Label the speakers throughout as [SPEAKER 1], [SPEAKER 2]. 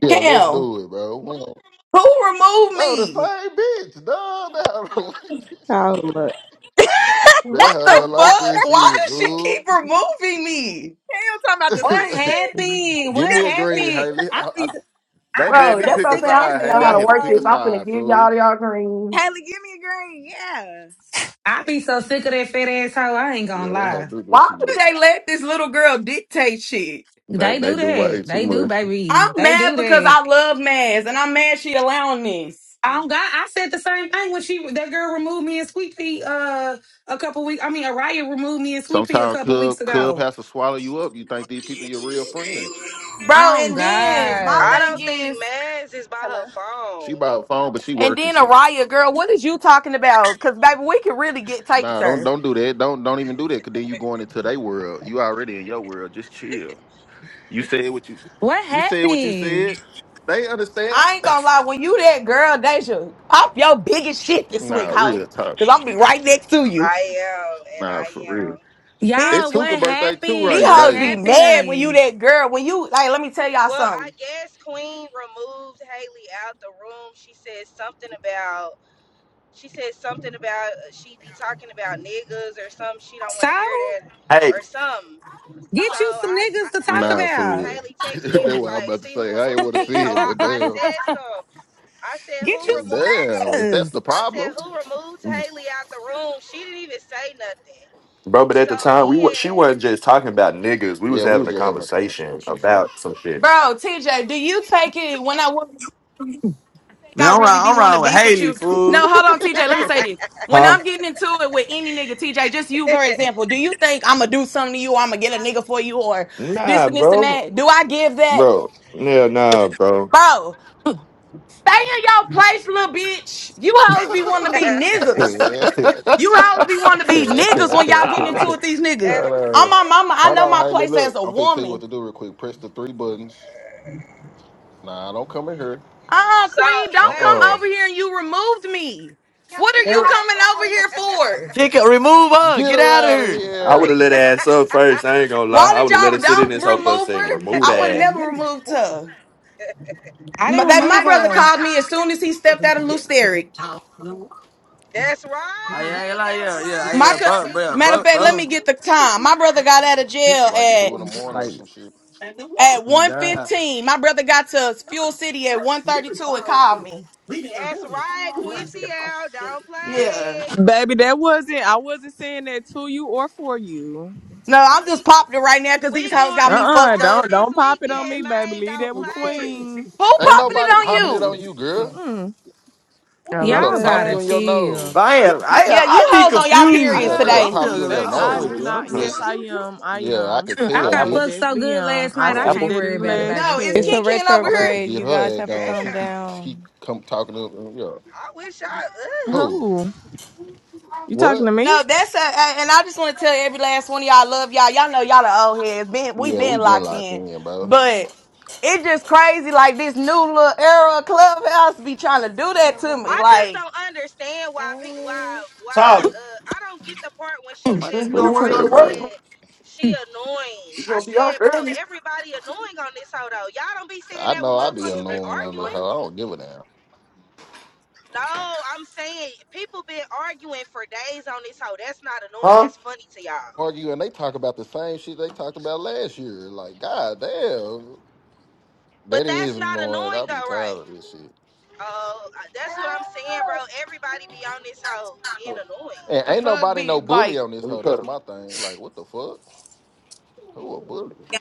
[SPEAKER 1] Yeah, let's
[SPEAKER 2] Cam,
[SPEAKER 1] do it, bro. We don't-
[SPEAKER 2] who removed
[SPEAKER 1] bro, the
[SPEAKER 2] me?
[SPEAKER 1] same bitch, dog. That hoe don't like this.
[SPEAKER 3] Oh look.
[SPEAKER 1] That
[SPEAKER 2] What
[SPEAKER 1] hoe
[SPEAKER 2] the
[SPEAKER 1] don't like
[SPEAKER 2] fuck?
[SPEAKER 1] this
[SPEAKER 2] Why
[SPEAKER 1] shit,
[SPEAKER 2] does she keep
[SPEAKER 1] fool.
[SPEAKER 2] removing me?
[SPEAKER 4] What happened?
[SPEAKER 1] Give
[SPEAKER 4] What
[SPEAKER 1] me a green,
[SPEAKER 4] happened?
[SPEAKER 1] Haley.
[SPEAKER 4] I
[SPEAKER 1] I, I,
[SPEAKER 4] be I
[SPEAKER 1] they
[SPEAKER 4] be
[SPEAKER 1] made
[SPEAKER 2] Bro,
[SPEAKER 1] me
[SPEAKER 4] so
[SPEAKER 2] that's
[SPEAKER 1] pick
[SPEAKER 2] what
[SPEAKER 1] a
[SPEAKER 2] I'm
[SPEAKER 4] sick
[SPEAKER 2] saying.
[SPEAKER 4] of
[SPEAKER 2] I don't
[SPEAKER 4] that
[SPEAKER 1] side,
[SPEAKER 2] even
[SPEAKER 4] fat
[SPEAKER 2] know
[SPEAKER 1] Haley.
[SPEAKER 2] how
[SPEAKER 1] I
[SPEAKER 2] to
[SPEAKER 1] had to
[SPEAKER 2] work
[SPEAKER 1] pick
[SPEAKER 2] this.
[SPEAKER 1] a
[SPEAKER 4] asshole.
[SPEAKER 2] I'm finna
[SPEAKER 1] side,
[SPEAKER 2] give
[SPEAKER 1] fool.
[SPEAKER 2] y'all y'all green.
[SPEAKER 3] Haley, give me a green. Yeah.
[SPEAKER 4] I be so sick of that fat asshole. I ain't gonna
[SPEAKER 1] Yeah, that hell
[SPEAKER 4] lie.
[SPEAKER 1] do do
[SPEAKER 2] Why
[SPEAKER 1] too
[SPEAKER 2] do
[SPEAKER 1] much.
[SPEAKER 2] they let this little girl dictate shit?
[SPEAKER 1] They
[SPEAKER 4] They
[SPEAKER 1] they
[SPEAKER 4] do
[SPEAKER 1] do
[SPEAKER 4] that.
[SPEAKER 1] way too
[SPEAKER 4] They do,
[SPEAKER 1] much.
[SPEAKER 4] baby.
[SPEAKER 2] I'm
[SPEAKER 4] They
[SPEAKER 2] mad
[SPEAKER 4] do
[SPEAKER 2] because
[SPEAKER 4] that.
[SPEAKER 2] I love Maz and I'm mad she allowing this.
[SPEAKER 4] I
[SPEAKER 3] Mm.
[SPEAKER 4] don't got. I said the same thing when she that girl removed me and Sweet Pea uh a couple weeks. I mean, Araya removed me and Sweet Pea a
[SPEAKER 1] Sometimes
[SPEAKER 4] couple weeks
[SPEAKER 1] club club
[SPEAKER 4] ago.
[SPEAKER 1] has to swallow you up. You think these people your real friends.
[SPEAKER 2] Bro,
[SPEAKER 4] Oh
[SPEAKER 2] and then my
[SPEAKER 5] I
[SPEAKER 4] God,
[SPEAKER 2] thing
[SPEAKER 5] don't think
[SPEAKER 2] is,
[SPEAKER 5] Mads is by her phone.
[SPEAKER 1] She by the phone, but she
[SPEAKER 2] and
[SPEAKER 1] working.
[SPEAKER 2] then
[SPEAKER 1] She
[SPEAKER 2] Araya, girl, what is you talking about? Because, baby, we can really get take it
[SPEAKER 1] nah, don't
[SPEAKER 2] there.
[SPEAKER 1] don't do that. Don't don't even do that. Cause then you going into their world. You already in your world. Just chill. You said what you
[SPEAKER 4] what
[SPEAKER 1] you said what you said.
[SPEAKER 4] happened,
[SPEAKER 1] They understand.
[SPEAKER 2] I ain't gonna lie, when you that girl, Deja, pop your biggest shit this week,
[SPEAKER 1] Nah,
[SPEAKER 2] hoe.
[SPEAKER 1] real talk.
[SPEAKER 2] Cause I'm be right next to you.
[SPEAKER 5] I am, and
[SPEAKER 1] Nah,
[SPEAKER 5] I
[SPEAKER 1] for real.
[SPEAKER 5] am.
[SPEAKER 1] It's
[SPEAKER 4] y'all?
[SPEAKER 2] Bitch,
[SPEAKER 1] Tuka
[SPEAKER 4] What
[SPEAKER 1] birthday too,
[SPEAKER 2] these
[SPEAKER 4] happened?
[SPEAKER 1] right,
[SPEAKER 4] What
[SPEAKER 2] hoes
[SPEAKER 1] Deja?
[SPEAKER 2] be
[SPEAKER 5] Not
[SPEAKER 2] mad when you
[SPEAKER 4] happened?
[SPEAKER 2] that girl. When you, like, let me tell y'all
[SPEAKER 5] well, I
[SPEAKER 2] something.
[SPEAKER 5] guess Queen removed Haley out the room. She said something about she said something about uh, she be talking about niggas or something. She don't want
[SPEAKER 4] So
[SPEAKER 5] to hear that
[SPEAKER 6] Hey,
[SPEAKER 5] or something. So
[SPEAKER 4] get you some
[SPEAKER 5] I,
[SPEAKER 4] niggas to
[SPEAKER 5] I
[SPEAKER 4] talk
[SPEAKER 1] Nah,
[SPEAKER 5] Haley
[SPEAKER 1] for
[SPEAKER 4] about.
[SPEAKER 1] real.
[SPEAKER 5] Haley
[SPEAKER 1] that's
[SPEAKER 5] texted me and was
[SPEAKER 1] what I'm
[SPEAKER 5] like,
[SPEAKER 1] about to
[SPEAKER 5] see who
[SPEAKER 1] say. I ain't want
[SPEAKER 5] removed
[SPEAKER 1] to
[SPEAKER 5] me.
[SPEAKER 1] see
[SPEAKER 5] So
[SPEAKER 1] it,
[SPEAKER 5] I,
[SPEAKER 1] but
[SPEAKER 5] I
[SPEAKER 4] Get
[SPEAKER 1] damn,
[SPEAKER 5] said some. I said who
[SPEAKER 4] your
[SPEAKER 5] removed
[SPEAKER 1] damn. If that's
[SPEAKER 4] sis.
[SPEAKER 1] the
[SPEAKER 5] I said
[SPEAKER 1] problem,
[SPEAKER 5] who removed Haley out the room. She didn't even say nothing.
[SPEAKER 6] bro, but at
[SPEAKER 5] So
[SPEAKER 6] the time we wa- she
[SPEAKER 5] then
[SPEAKER 6] wasn't just talking about niggas. We was
[SPEAKER 1] yeah, we were
[SPEAKER 6] having a
[SPEAKER 1] just having a
[SPEAKER 6] conversation
[SPEAKER 1] conversation. For real.
[SPEAKER 6] about some shit.
[SPEAKER 2] Bro, TJ, do you take it when I would think
[SPEAKER 7] Man,
[SPEAKER 2] I
[SPEAKER 7] I'm around,
[SPEAKER 2] really be
[SPEAKER 7] I'm
[SPEAKER 2] wanting to
[SPEAKER 7] around with
[SPEAKER 2] beef with
[SPEAKER 7] Haley,
[SPEAKER 2] you?
[SPEAKER 7] fool.
[SPEAKER 2] No, hold on, TJ, let me say this. When
[SPEAKER 6] Huh?
[SPEAKER 2] I'm getting into it with any nigga, TJ, just you, for example, do you think I'm gonna do something to you or I'm gonna get a nigga for you or this
[SPEAKER 6] Nah,
[SPEAKER 2] and this and
[SPEAKER 6] bro.
[SPEAKER 2] that? Do I give that?
[SPEAKER 6] Bro. Yeah, nah, bro.
[SPEAKER 2] Bro, stay in your place, little bitch. You hoes be wanting to be niggas. You always be wanting to be niggas when y'all getting
[SPEAKER 6] Ah,
[SPEAKER 2] into it, these niggas. I'm
[SPEAKER 1] uh,
[SPEAKER 2] my mama. I
[SPEAKER 1] hold
[SPEAKER 2] know
[SPEAKER 1] on,
[SPEAKER 2] my
[SPEAKER 1] Haley.
[SPEAKER 2] place as
[SPEAKER 1] Look,
[SPEAKER 2] a
[SPEAKER 1] I'm finna tell you what
[SPEAKER 2] woman.
[SPEAKER 1] to do real quick. Press the three buttons. Nah, don't come in here.
[SPEAKER 2] Uh-uh,
[SPEAKER 5] so
[SPEAKER 2] queen,
[SPEAKER 1] Uh
[SPEAKER 2] don't come
[SPEAKER 5] wait,
[SPEAKER 1] uh
[SPEAKER 2] over here and you removed me. What are you coming over here for?
[SPEAKER 1] Get her out of
[SPEAKER 6] I would have
[SPEAKER 1] here.
[SPEAKER 6] let her ass up first. I ain't gonna lie.
[SPEAKER 2] Why
[SPEAKER 6] I
[SPEAKER 2] did
[SPEAKER 6] would have let her
[SPEAKER 2] y'all
[SPEAKER 6] sit in
[SPEAKER 2] don't
[SPEAKER 6] this whole first
[SPEAKER 2] remove
[SPEAKER 6] thing.
[SPEAKER 2] her?
[SPEAKER 6] Remove
[SPEAKER 2] I would have
[SPEAKER 6] that.
[SPEAKER 2] never removed her.
[SPEAKER 4] I
[SPEAKER 2] My,
[SPEAKER 4] didn't
[SPEAKER 7] But
[SPEAKER 2] that my
[SPEAKER 4] remove
[SPEAKER 7] that my
[SPEAKER 2] brother
[SPEAKER 4] her.
[SPEAKER 7] brother
[SPEAKER 2] called me
[SPEAKER 7] called
[SPEAKER 2] as soon as he stepped out of Lusteric.
[SPEAKER 5] that's
[SPEAKER 7] me. Hey, I
[SPEAKER 5] right.
[SPEAKER 7] ain't like,
[SPEAKER 5] Don't
[SPEAKER 7] yeah, yeah, hey,
[SPEAKER 2] My
[SPEAKER 7] yeah,
[SPEAKER 2] co-
[SPEAKER 7] bro,
[SPEAKER 5] play.
[SPEAKER 7] bro,
[SPEAKER 2] matter of
[SPEAKER 7] bro,
[SPEAKER 2] fact, let
[SPEAKER 7] bro.
[SPEAKER 2] me get the time. My brother got out of jail
[SPEAKER 1] Like
[SPEAKER 2] at
[SPEAKER 1] two in the morning or
[SPEAKER 7] Like,
[SPEAKER 1] some shit.
[SPEAKER 2] at
[SPEAKER 7] oh
[SPEAKER 2] one
[SPEAKER 7] God.
[SPEAKER 2] fifteen. My brother got to Fuel City at one thirty two and called me.
[SPEAKER 5] That's right, Quincy L. Don't
[SPEAKER 2] Yeah.
[SPEAKER 5] play.
[SPEAKER 8] Baby, that wasn't I wasn't saying that to you or for you.
[SPEAKER 2] No, I'm
[SPEAKER 5] We
[SPEAKER 2] just popping it right now because
[SPEAKER 5] we
[SPEAKER 2] these hoes
[SPEAKER 5] going
[SPEAKER 2] got
[SPEAKER 8] Uh
[SPEAKER 2] me
[SPEAKER 8] uh-uh,
[SPEAKER 5] outside
[SPEAKER 8] uh,
[SPEAKER 2] fucked
[SPEAKER 8] do
[SPEAKER 2] up.
[SPEAKER 8] don't
[SPEAKER 5] this
[SPEAKER 8] don't pop it on me,
[SPEAKER 5] weekend,
[SPEAKER 8] baby.
[SPEAKER 5] man.
[SPEAKER 8] Leave
[SPEAKER 5] Don't
[SPEAKER 8] that with
[SPEAKER 5] play.
[SPEAKER 8] Queen.
[SPEAKER 2] Who
[SPEAKER 1] Ain't
[SPEAKER 2] popping it
[SPEAKER 1] nobody
[SPEAKER 2] on
[SPEAKER 1] popping it on
[SPEAKER 2] you?
[SPEAKER 1] you, girl.
[SPEAKER 8] Mm-mm. Oh my
[SPEAKER 1] Nigga
[SPEAKER 4] Y'all
[SPEAKER 1] pop
[SPEAKER 4] gotta
[SPEAKER 8] bad.
[SPEAKER 1] you in your nose.
[SPEAKER 4] chill.
[SPEAKER 7] But I,
[SPEAKER 5] I'm
[SPEAKER 7] ain't- I, ain't-
[SPEAKER 5] finna
[SPEAKER 2] Yeah, you
[SPEAKER 7] I
[SPEAKER 5] pop
[SPEAKER 7] be
[SPEAKER 2] hoes
[SPEAKER 5] it.
[SPEAKER 2] on y'all
[SPEAKER 7] confused.
[SPEAKER 8] I
[SPEAKER 1] Yeah,
[SPEAKER 2] periods
[SPEAKER 8] have a
[SPEAKER 1] nigga
[SPEAKER 2] today.
[SPEAKER 7] I'm
[SPEAKER 1] pop
[SPEAKER 7] just, I
[SPEAKER 1] you in your
[SPEAKER 8] toothache.
[SPEAKER 7] don't
[SPEAKER 8] I
[SPEAKER 7] know,
[SPEAKER 8] do
[SPEAKER 1] nose.
[SPEAKER 7] bro.
[SPEAKER 8] not
[SPEAKER 7] I'm
[SPEAKER 6] Huh?
[SPEAKER 8] yes
[SPEAKER 7] just.
[SPEAKER 8] I am. I
[SPEAKER 1] Yeah, I
[SPEAKER 8] am.
[SPEAKER 1] could
[SPEAKER 4] I
[SPEAKER 8] I
[SPEAKER 6] An
[SPEAKER 1] tell,
[SPEAKER 4] got
[SPEAKER 6] apple?
[SPEAKER 8] most
[SPEAKER 4] fucked
[SPEAKER 6] You
[SPEAKER 1] bitch.
[SPEAKER 4] so
[SPEAKER 8] definitely
[SPEAKER 4] good
[SPEAKER 8] am.
[SPEAKER 4] last
[SPEAKER 8] I
[SPEAKER 4] night.
[SPEAKER 6] want an
[SPEAKER 4] I
[SPEAKER 8] said
[SPEAKER 6] apple?
[SPEAKER 4] can't
[SPEAKER 8] that
[SPEAKER 4] worry
[SPEAKER 8] in the
[SPEAKER 4] about it,
[SPEAKER 1] Yeah.
[SPEAKER 8] last
[SPEAKER 2] No,
[SPEAKER 4] baby.
[SPEAKER 2] it's
[SPEAKER 9] It's
[SPEAKER 8] chat.
[SPEAKER 2] King
[SPEAKER 9] a
[SPEAKER 2] King over
[SPEAKER 1] I'm fixed
[SPEAKER 2] here.
[SPEAKER 1] to
[SPEAKER 9] retrograde.
[SPEAKER 1] get
[SPEAKER 9] You guys
[SPEAKER 1] her ass
[SPEAKER 9] have to
[SPEAKER 1] gone. She
[SPEAKER 9] calm
[SPEAKER 5] Damn.
[SPEAKER 1] keep keep
[SPEAKER 9] down.
[SPEAKER 1] come talking to yeah.
[SPEAKER 5] I wish I.
[SPEAKER 1] Who?
[SPEAKER 8] Who? You talking to
[SPEAKER 1] What?
[SPEAKER 8] me?
[SPEAKER 2] No, that's a, a- and I just want to tell every last one of y'all I love y'all. Y'all know y'all the old heads. Been we
[SPEAKER 1] Yeah, we
[SPEAKER 2] been
[SPEAKER 1] been
[SPEAKER 2] locked
[SPEAKER 1] locked
[SPEAKER 2] in,
[SPEAKER 1] in, bro.
[SPEAKER 2] but it's just crazy. Like this new little era of clubhouse be trying to do that to me.
[SPEAKER 5] I just
[SPEAKER 2] Like
[SPEAKER 5] don't understand why pe- why why
[SPEAKER 6] Tyler,
[SPEAKER 5] uh I don't get the part when
[SPEAKER 8] Oh
[SPEAKER 5] she
[SPEAKER 6] you
[SPEAKER 8] my
[SPEAKER 6] sure
[SPEAKER 5] said
[SPEAKER 6] you
[SPEAKER 5] when
[SPEAKER 6] don't
[SPEAKER 8] tooth
[SPEAKER 6] want to
[SPEAKER 5] Araya
[SPEAKER 6] go
[SPEAKER 8] hurt,
[SPEAKER 6] to work?
[SPEAKER 8] bro.
[SPEAKER 5] said she annoying.
[SPEAKER 6] You
[SPEAKER 5] I
[SPEAKER 6] gonna be out
[SPEAKER 5] said, bro,
[SPEAKER 6] early? Might
[SPEAKER 5] everybody annoying on this hoe though. Y'all don't be saying
[SPEAKER 1] I
[SPEAKER 5] that when
[SPEAKER 1] know I
[SPEAKER 6] wanna
[SPEAKER 1] be
[SPEAKER 6] go
[SPEAKER 5] motherfuckers be
[SPEAKER 6] make
[SPEAKER 1] annoying
[SPEAKER 6] that
[SPEAKER 1] on
[SPEAKER 6] little
[SPEAKER 1] that
[SPEAKER 5] arguing.
[SPEAKER 6] money.
[SPEAKER 1] hoe. I don't give a damn.
[SPEAKER 5] No, I'm saying people been arguing for days on this hoe. That's not annoying.
[SPEAKER 6] Huh?
[SPEAKER 5] That's funny to y'all.
[SPEAKER 1] Argue and they talk about the same shit they talked about last year. Like, god damn.
[SPEAKER 5] But
[SPEAKER 1] That
[SPEAKER 5] that's
[SPEAKER 1] is
[SPEAKER 5] not
[SPEAKER 1] annoying.
[SPEAKER 5] annoying
[SPEAKER 1] I
[SPEAKER 5] though,
[SPEAKER 1] be
[SPEAKER 5] right?
[SPEAKER 1] tired of this shit.
[SPEAKER 5] Oh, uh, that's what I'm saying, bro. Everybody be on this hoe
[SPEAKER 6] Come
[SPEAKER 5] being
[SPEAKER 6] on,
[SPEAKER 5] annoying.
[SPEAKER 1] And
[SPEAKER 2] the
[SPEAKER 1] ain't
[SPEAKER 2] fuck
[SPEAKER 1] nobody
[SPEAKER 2] be
[SPEAKER 1] no
[SPEAKER 2] like.
[SPEAKER 1] bully on this
[SPEAKER 6] Let me
[SPEAKER 1] hoe. That's
[SPEAKER 6] cut
[SPEAKER 1] my thing. Like, what the fuck? Who a bully?
[SPEAKER 3] Yeah,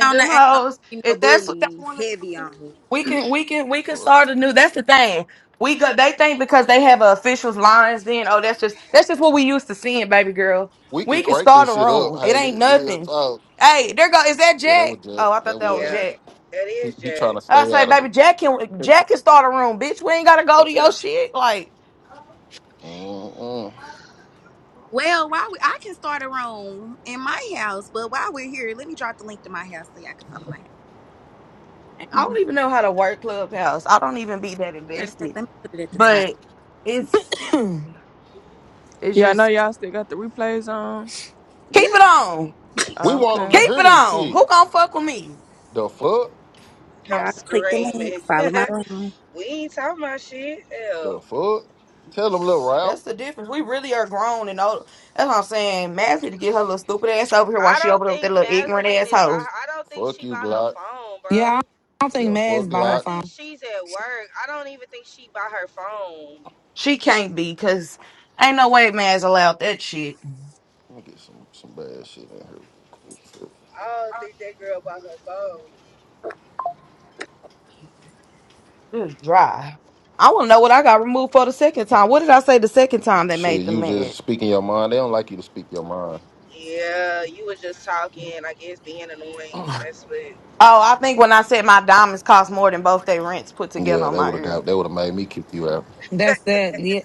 [SPEAKER 3] he on the
[SPEAKER 2] them
[SPEAKER 3] ain't
[SPEAKER 1] What
[SPEAKER 2] hoes.
[SPEAKER 3] nobody no
[SPEAKER 2] If that's what they
[SPEAKER 3] bully
[SPEAKER 2] want to
[SPEAKER 3] heavy
[SPEAKER 2] do,
[SPEAKER 3] on me.
[SPEAKER 2] we can we can
[SPEAKER 1] the
[SPEAKER 2] we can
[SPEAKER 1] Fuck.
[SPEAKER 2] start a new. That's the thing. We got. They think because they have a officials lines. Then oh, that's just that's just what we used to seeing, baby girl.
[SPEAKER 1] We
[SPEAKER 2] We
[SPEAKER 1] could
[SPEAKER 2] can
[SPEAKER 1] crank
[SPEAKER 2] start
[SPEAKER 1] this
[SPEAKER 2] a
[SPEAKER 1] shit up,
[SPEAKER 2] room. It
[SPEAKER 1] Haley.
[SPEAKER 2] ain't
[SPEAKER 1] Real
[SPEAKER 2] nothing.
[SPEAKER 1] talk.
[SPEAKER 2] Hey, there go. Is that
[SPEAKER 1] Yeah, that
[SPEAKER 2] Jack?
[SPEAKER 1] was just
[SPEAKER 2] Oh, I
[SPEAKER 1] that
[SPEAKER 2] thought that was
[SPEAKER 5] Yeah,
[SPEAKER 1] was.
[SPEAKER 2] Jack.
[SPEAKER 5] that
[SPEAKER 1] He,
[SPEAKER 5] is
[SPEAKER 1] he trying
[SPEAKER 5] Jack.
[SPEAKER 1] to
[SPEAKER 2] I
[SPEAKER 1] stay
[SPEAKER 2] say,
[SPEAKER 1] out of
[SPEAKER 2] baby,
[SPEAKER 1] it.
[SPEAKER 2] Jack can
[SPEAKER 6] him.
[SPEAKER 2] Jack can start a room, bitch. We ain't gotta go to your shit. Like
[SPEAKER 1] Mm-mm.
[SPEAKER 3] Well, why we, I can start a room in my house, but while we're here, let me drop the link to my house so y'all can follow my house.
[SPEAKER 2] I
[SPEAKER 3] Mm.
[SPEAKER 2] don't even know how to work Clubhouse. I don't even be that
[SPEAKER 3] Matter of fact,
[SPEAKER 2] invested.
[SPEAKER 3] let me put it at the top.
[SPEAKER 2] But it's it's
[SPEAKER 8] Yeah, I know
[SPEAKER 2] just
[SPEAKER 8] y'all still got the replays on.
[SPEAKER 2] keep
[SPEAKER 3] Yeah.
[SPEAKER 2] it on.
[SPEAKER 1] We want him
[SPEAKER 8] Okay.
[SPEAKER 1] to
[SPEAKER 2] Keep
[SPEAKER 1] hear
[SPEAKER 2] it
[SPEAKER 1] this
[SPEAKER 2] on.
[SPEAKER 1] shit.
[SPEAKER 2] Who gonna fuck with me?
[SPEAKER 1] The fuck?
[SPEAKER 5] I'm
[SPEAKER 3] Y'all click the link,
[SPEAKER 5] screaming.
[SPEAKER 3] follow my room.
[SPEAKER 5] We ain't talking about shit.
[SPEAKER 1] The
[SPEAKER 5] Hell.
[SPEAKER 1] fuck? Tell him, little
[SPEAKER 2] That's
[SPEAKER 1] Ralph.
[SPEAKER 2] the difference. We really are grown and old. That's what I'm saying. Mads need to get her little stupid ass over here while
[SPEAKER 5] I
[SPEAKER 2] she
[SPEAKER 5] don't
[SPEAKER 2] over there with that
[SPEAKER 5] think
[SPEAKER 2] little
[SPEAKER 5] Maslin
[SPEAKER 2] ignorant
[SPEAKER 5] is by
[SPEAKER 2] asshole.
[SPEAKER 5] her. I don't think
[SPEAKER 1] Fuck
[SPEAKER 5] she by
[SPEAKER 1] you,
[SPEAKER 5] her
[SPEAKER 1] Glock.
[SPEAKER 5] phone,
[SPEAKER 4] yeah, I
[SPEAKER 5] bro.
[SPEAKER 4] don't think
[SPEAKER 1] Yeah,
[SPEAKER 4] Mad's
[SPEAKER 1] fuck
[SPEAKER 4] by
[SPEAKER 5] I
[SPEAKER 4] her
[SPEAKER 1] Glock.
[SPEAKER 5] think
[SPEAKER 4] phone.
[SPEAKER 5] she's at work. I don't even think she by her phone.
[SPEAKER 2] She can't be, cause ain't no way Mads allowed that shit.
[SPEAKER 1] Let me get some some bad shit in here real quick.
[SPEAKER 5] I don't think that girl by her phone.
[SPEAKER 2] Just dry. I wanna know what I got removed for the second time. What did I say the second time that
[SPEAKER 1] Shit,
[SPEAKER 2] made them
[SPEAKER 1] you just
[SPEAKER 2] mad?
[SPEAKER 1] speaking your mind. They don't like you to speak your mind.
[SPEAKER 5] Yeah, you was just talking, I guess being annoying. That's what
[SPEAKER 2] Oh, I think when I said my diamonds cost more than both their rents put together
[SPEAKER 1] yeah,
[SPEAKER 2] on
[SPEAKER 1] that
[SPEAKER 2] my
[SPEAKER 1] would have
[SPEAKER 2] ear.
[SPEAKER 1] got. That would have made me kick you out.
[SPEAKER 4] That's that. Yeah.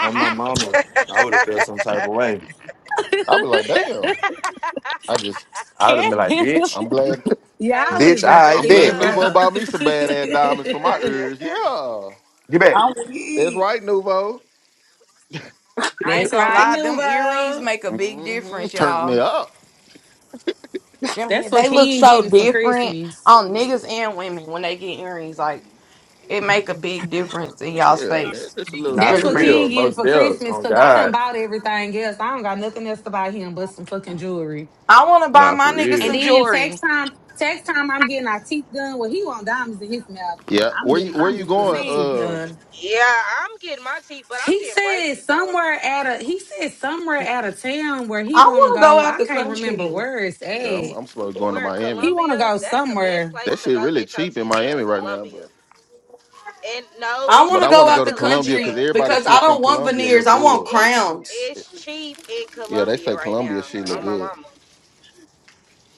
[SPEAKER 6] on my mama, I would have felt some type of way.
[SPEAKER 1] I'll be like, damn. I just,
[SPEAKER 6] I would have been
[SPEAKER 4] Can't-
[SPEAKER 6] like,
[SPEAKER 4] you?
[SPEAKER 6] bitch,
[SPEAKER 1] I'm glad,
[SPEAKER 4] Y'all
[SPEAKER 5] Haley,
[SPEAKER 4] is
[SPEAKER 6] bitch,
[SPEAKER 5] what the
[SPEAKER 6] I
[SPEAKER 1] I'm
[SPEAKER 6] bet.
[SPEAKER 1] glad
[SPEAKER 4] annoying, bro.
[SPEAKER 1] Nuvo bought me some bad ass diamonds for my ears.
[SPEAKER 5] fuck?
[SPEAKER 1] Yeah,
[SPEAKER 6] Get back.
[SPEAKER 3] I'm
[SPEAKER 1] that's
[SPEAKER 3] weak.
[SPEAKER 1] right, Nuvo.
[SPEAKER 2] I ain't
[SPEAKER 4] That's
[SPEAKER 2] gonna
[SPEAKER 4] right,
[SPEAKER 2] lie, them earrings
[SPEAKER 4] Nuvo.
[SPEAKER 2] make a big
[SPEAKER 1] hmm
[SPEAKER 2] difference,
[SPEAKER 1] Turned
[SPEAKER 2] y'all.
[SPEAKER 1] me up.
[SPEAKER 4] That's
[SPEAKER 2] Them-
[SPEAKER 4] what
[SPEAKER 2] They look
[SPEAKER 4] Ken
[SPEAKER 2] so
[SPEAKER 4] getting for
[SPEAKER 2] different
[SPEAKER 4] Christmas.
[SPEAKER 2] on niggas and women when they get earrings. Like it make a big difference in
[SPEAKER 1] Mm-hmm.
[SPEAKER 2] y'all's
[SPEAKER 1] Yeah, man,
[SPEAKER 2] face.
[SPEAKER 1] just a little.
[SPEAKER 6] Nah,
[SPEAKER 4] That's
[SPEAKER 2] Really
[SPEAKER 6] for
[SPEAKER 4] what
[SPEAKER 2] bring.
[SPEAKER 6] real.
[SPEAKER 4] Ken getting
[SPEAKER 6] Most
[SPEAKER 4] for
[SPEAKER 6] deals.
[SPEAKER 4] Christmas
[SPEAKER 6] On
[SPEAKER 4] because I done
[SPEAKER 6] God.
[SPEAKER 4] bought everything else. I don't got nothing else to buy him but some fucking jewelry.
[SPEAKER 2] I want to buy
[SPEAKER 6] Nah,
[SPEAKER 2] my
[SPEAKER 6] for
[SPEAKER 2] niggas
[SPEAKER 4] And
[SPEAKER 2] some
[SPEAKER 6] real.
[SPEAKER 4] then
[SPEAKER 2] jewelry.
[SPEAKER 4] tax time, tax time, I'm getting our teeth done. Well, he want diamonds in his mouth.
[SPEAKER 1] Yeah,
[SPEAKER 4] I'm
[SPEAKER 1] where
[SPEAKER 4] getting,
[SPEAKER 1] you where
[SPEAKER 4] I'm
[SPEAKER 1] you
[SPEAKER 4] just getting
[SPEAKER 1] going?
[SPEAKER 4] my
[SPEAKER 2] See,
[SPEAKER 4] teeth
[SPEAKER 1] Uh,
[SPEAKER 4] done.
[SPEAKER 5] yeah, I'm getting my teeth, but I'm
[SPEAKER 4] He
[SPEAKER 5] getting
[SPEAKER 4] said
[SPEAKER 5] braces though.
[SPEAKER 4] somewhere out of, he said somewhere out of town where he
[SPEAKER 2] I
[SPEAKER 4] want to
[SPEAKER 2] want to go
[SPEAKER 4] go.
[SPEAKER 2] out
[SPEAKER 4] I
[SPEAKER 2] the
[SPEAKER 4] can't remember
[SPEAKER 2] country.
[SPEAKER 4] where it's
[SPEAKER 1] yeah, I'm
[SPEAKER 4] at.
[SPEAKER 1] I'm supposed to going to
[SPEAKER 5] Where
[SPEAKER 1] Miami.
[SPEAKER 4] He want to
[SPEAKER 5] Columbia,
[SPEAKER 4] go
[SPEAKER 5] that's the best
[SPEAKER 4] somewhere.
[SPEAKER 5] place
[SPEAKER 1] That
[SPEAKER 5] to
[SPEAKER 1] shit
[SPEAKER 5] go
[SPEAKER 1] really
[SPEAKER 5] get your
[SPEAKER 1] cheap in
[SPEAKER 5] teeth done,
[SPEAKER 1] Miami right now,
[SPEAKER 5] Columbia.
[SPEAKER 1] but
[SPEAKER 5] And no,
[SPEAKER 2] I want
[SPEAKER 5] it's
[SPEAKER 1] but
[SPEAKER 2] to
[SPEAKER 1] I
[SPEAKER 5] cheap
[SPEAKER 2] go
[SPEAKER 1] want to
[SPEAKER 5] in
[SPEAKER 2] out
[SPEAKER 1] go to
[SPEAKER 2] the
[SPEAKER 1] Colombia because
[SPEAKER 2] country
[SPEAKER 5] Colombia.
[SPEAKER 1] everybody
[SPEAKER 2] because I
[SPEAKER 1] shit from
[SPEAKER 2] don't want
[SPEAKER 1] Colombia
[SPEAKER 2] veneers.
[SPEAKER 1] look
[SPEAKER 2] I want
[SPEAKER 1] good.
[SPEAKER 5] It's
[SPEAKER 2] crowns.
[SPEAKER 5] it's cheap in
[SPEAKER 1] Yeah, they
[SPEAKER 5] Colombia
[SPEAKER 1] say
[SPEAKER 5] right
[SPEAKER 1] Colombia
[SPEAKER 5] now.
[SPEAKER 1] shit
[SPEAKER 5] On
[SPEAKER 1] look
[SPEAKER 5] my
[SPEAKER 1] good.
[SPEAKER 5] mama.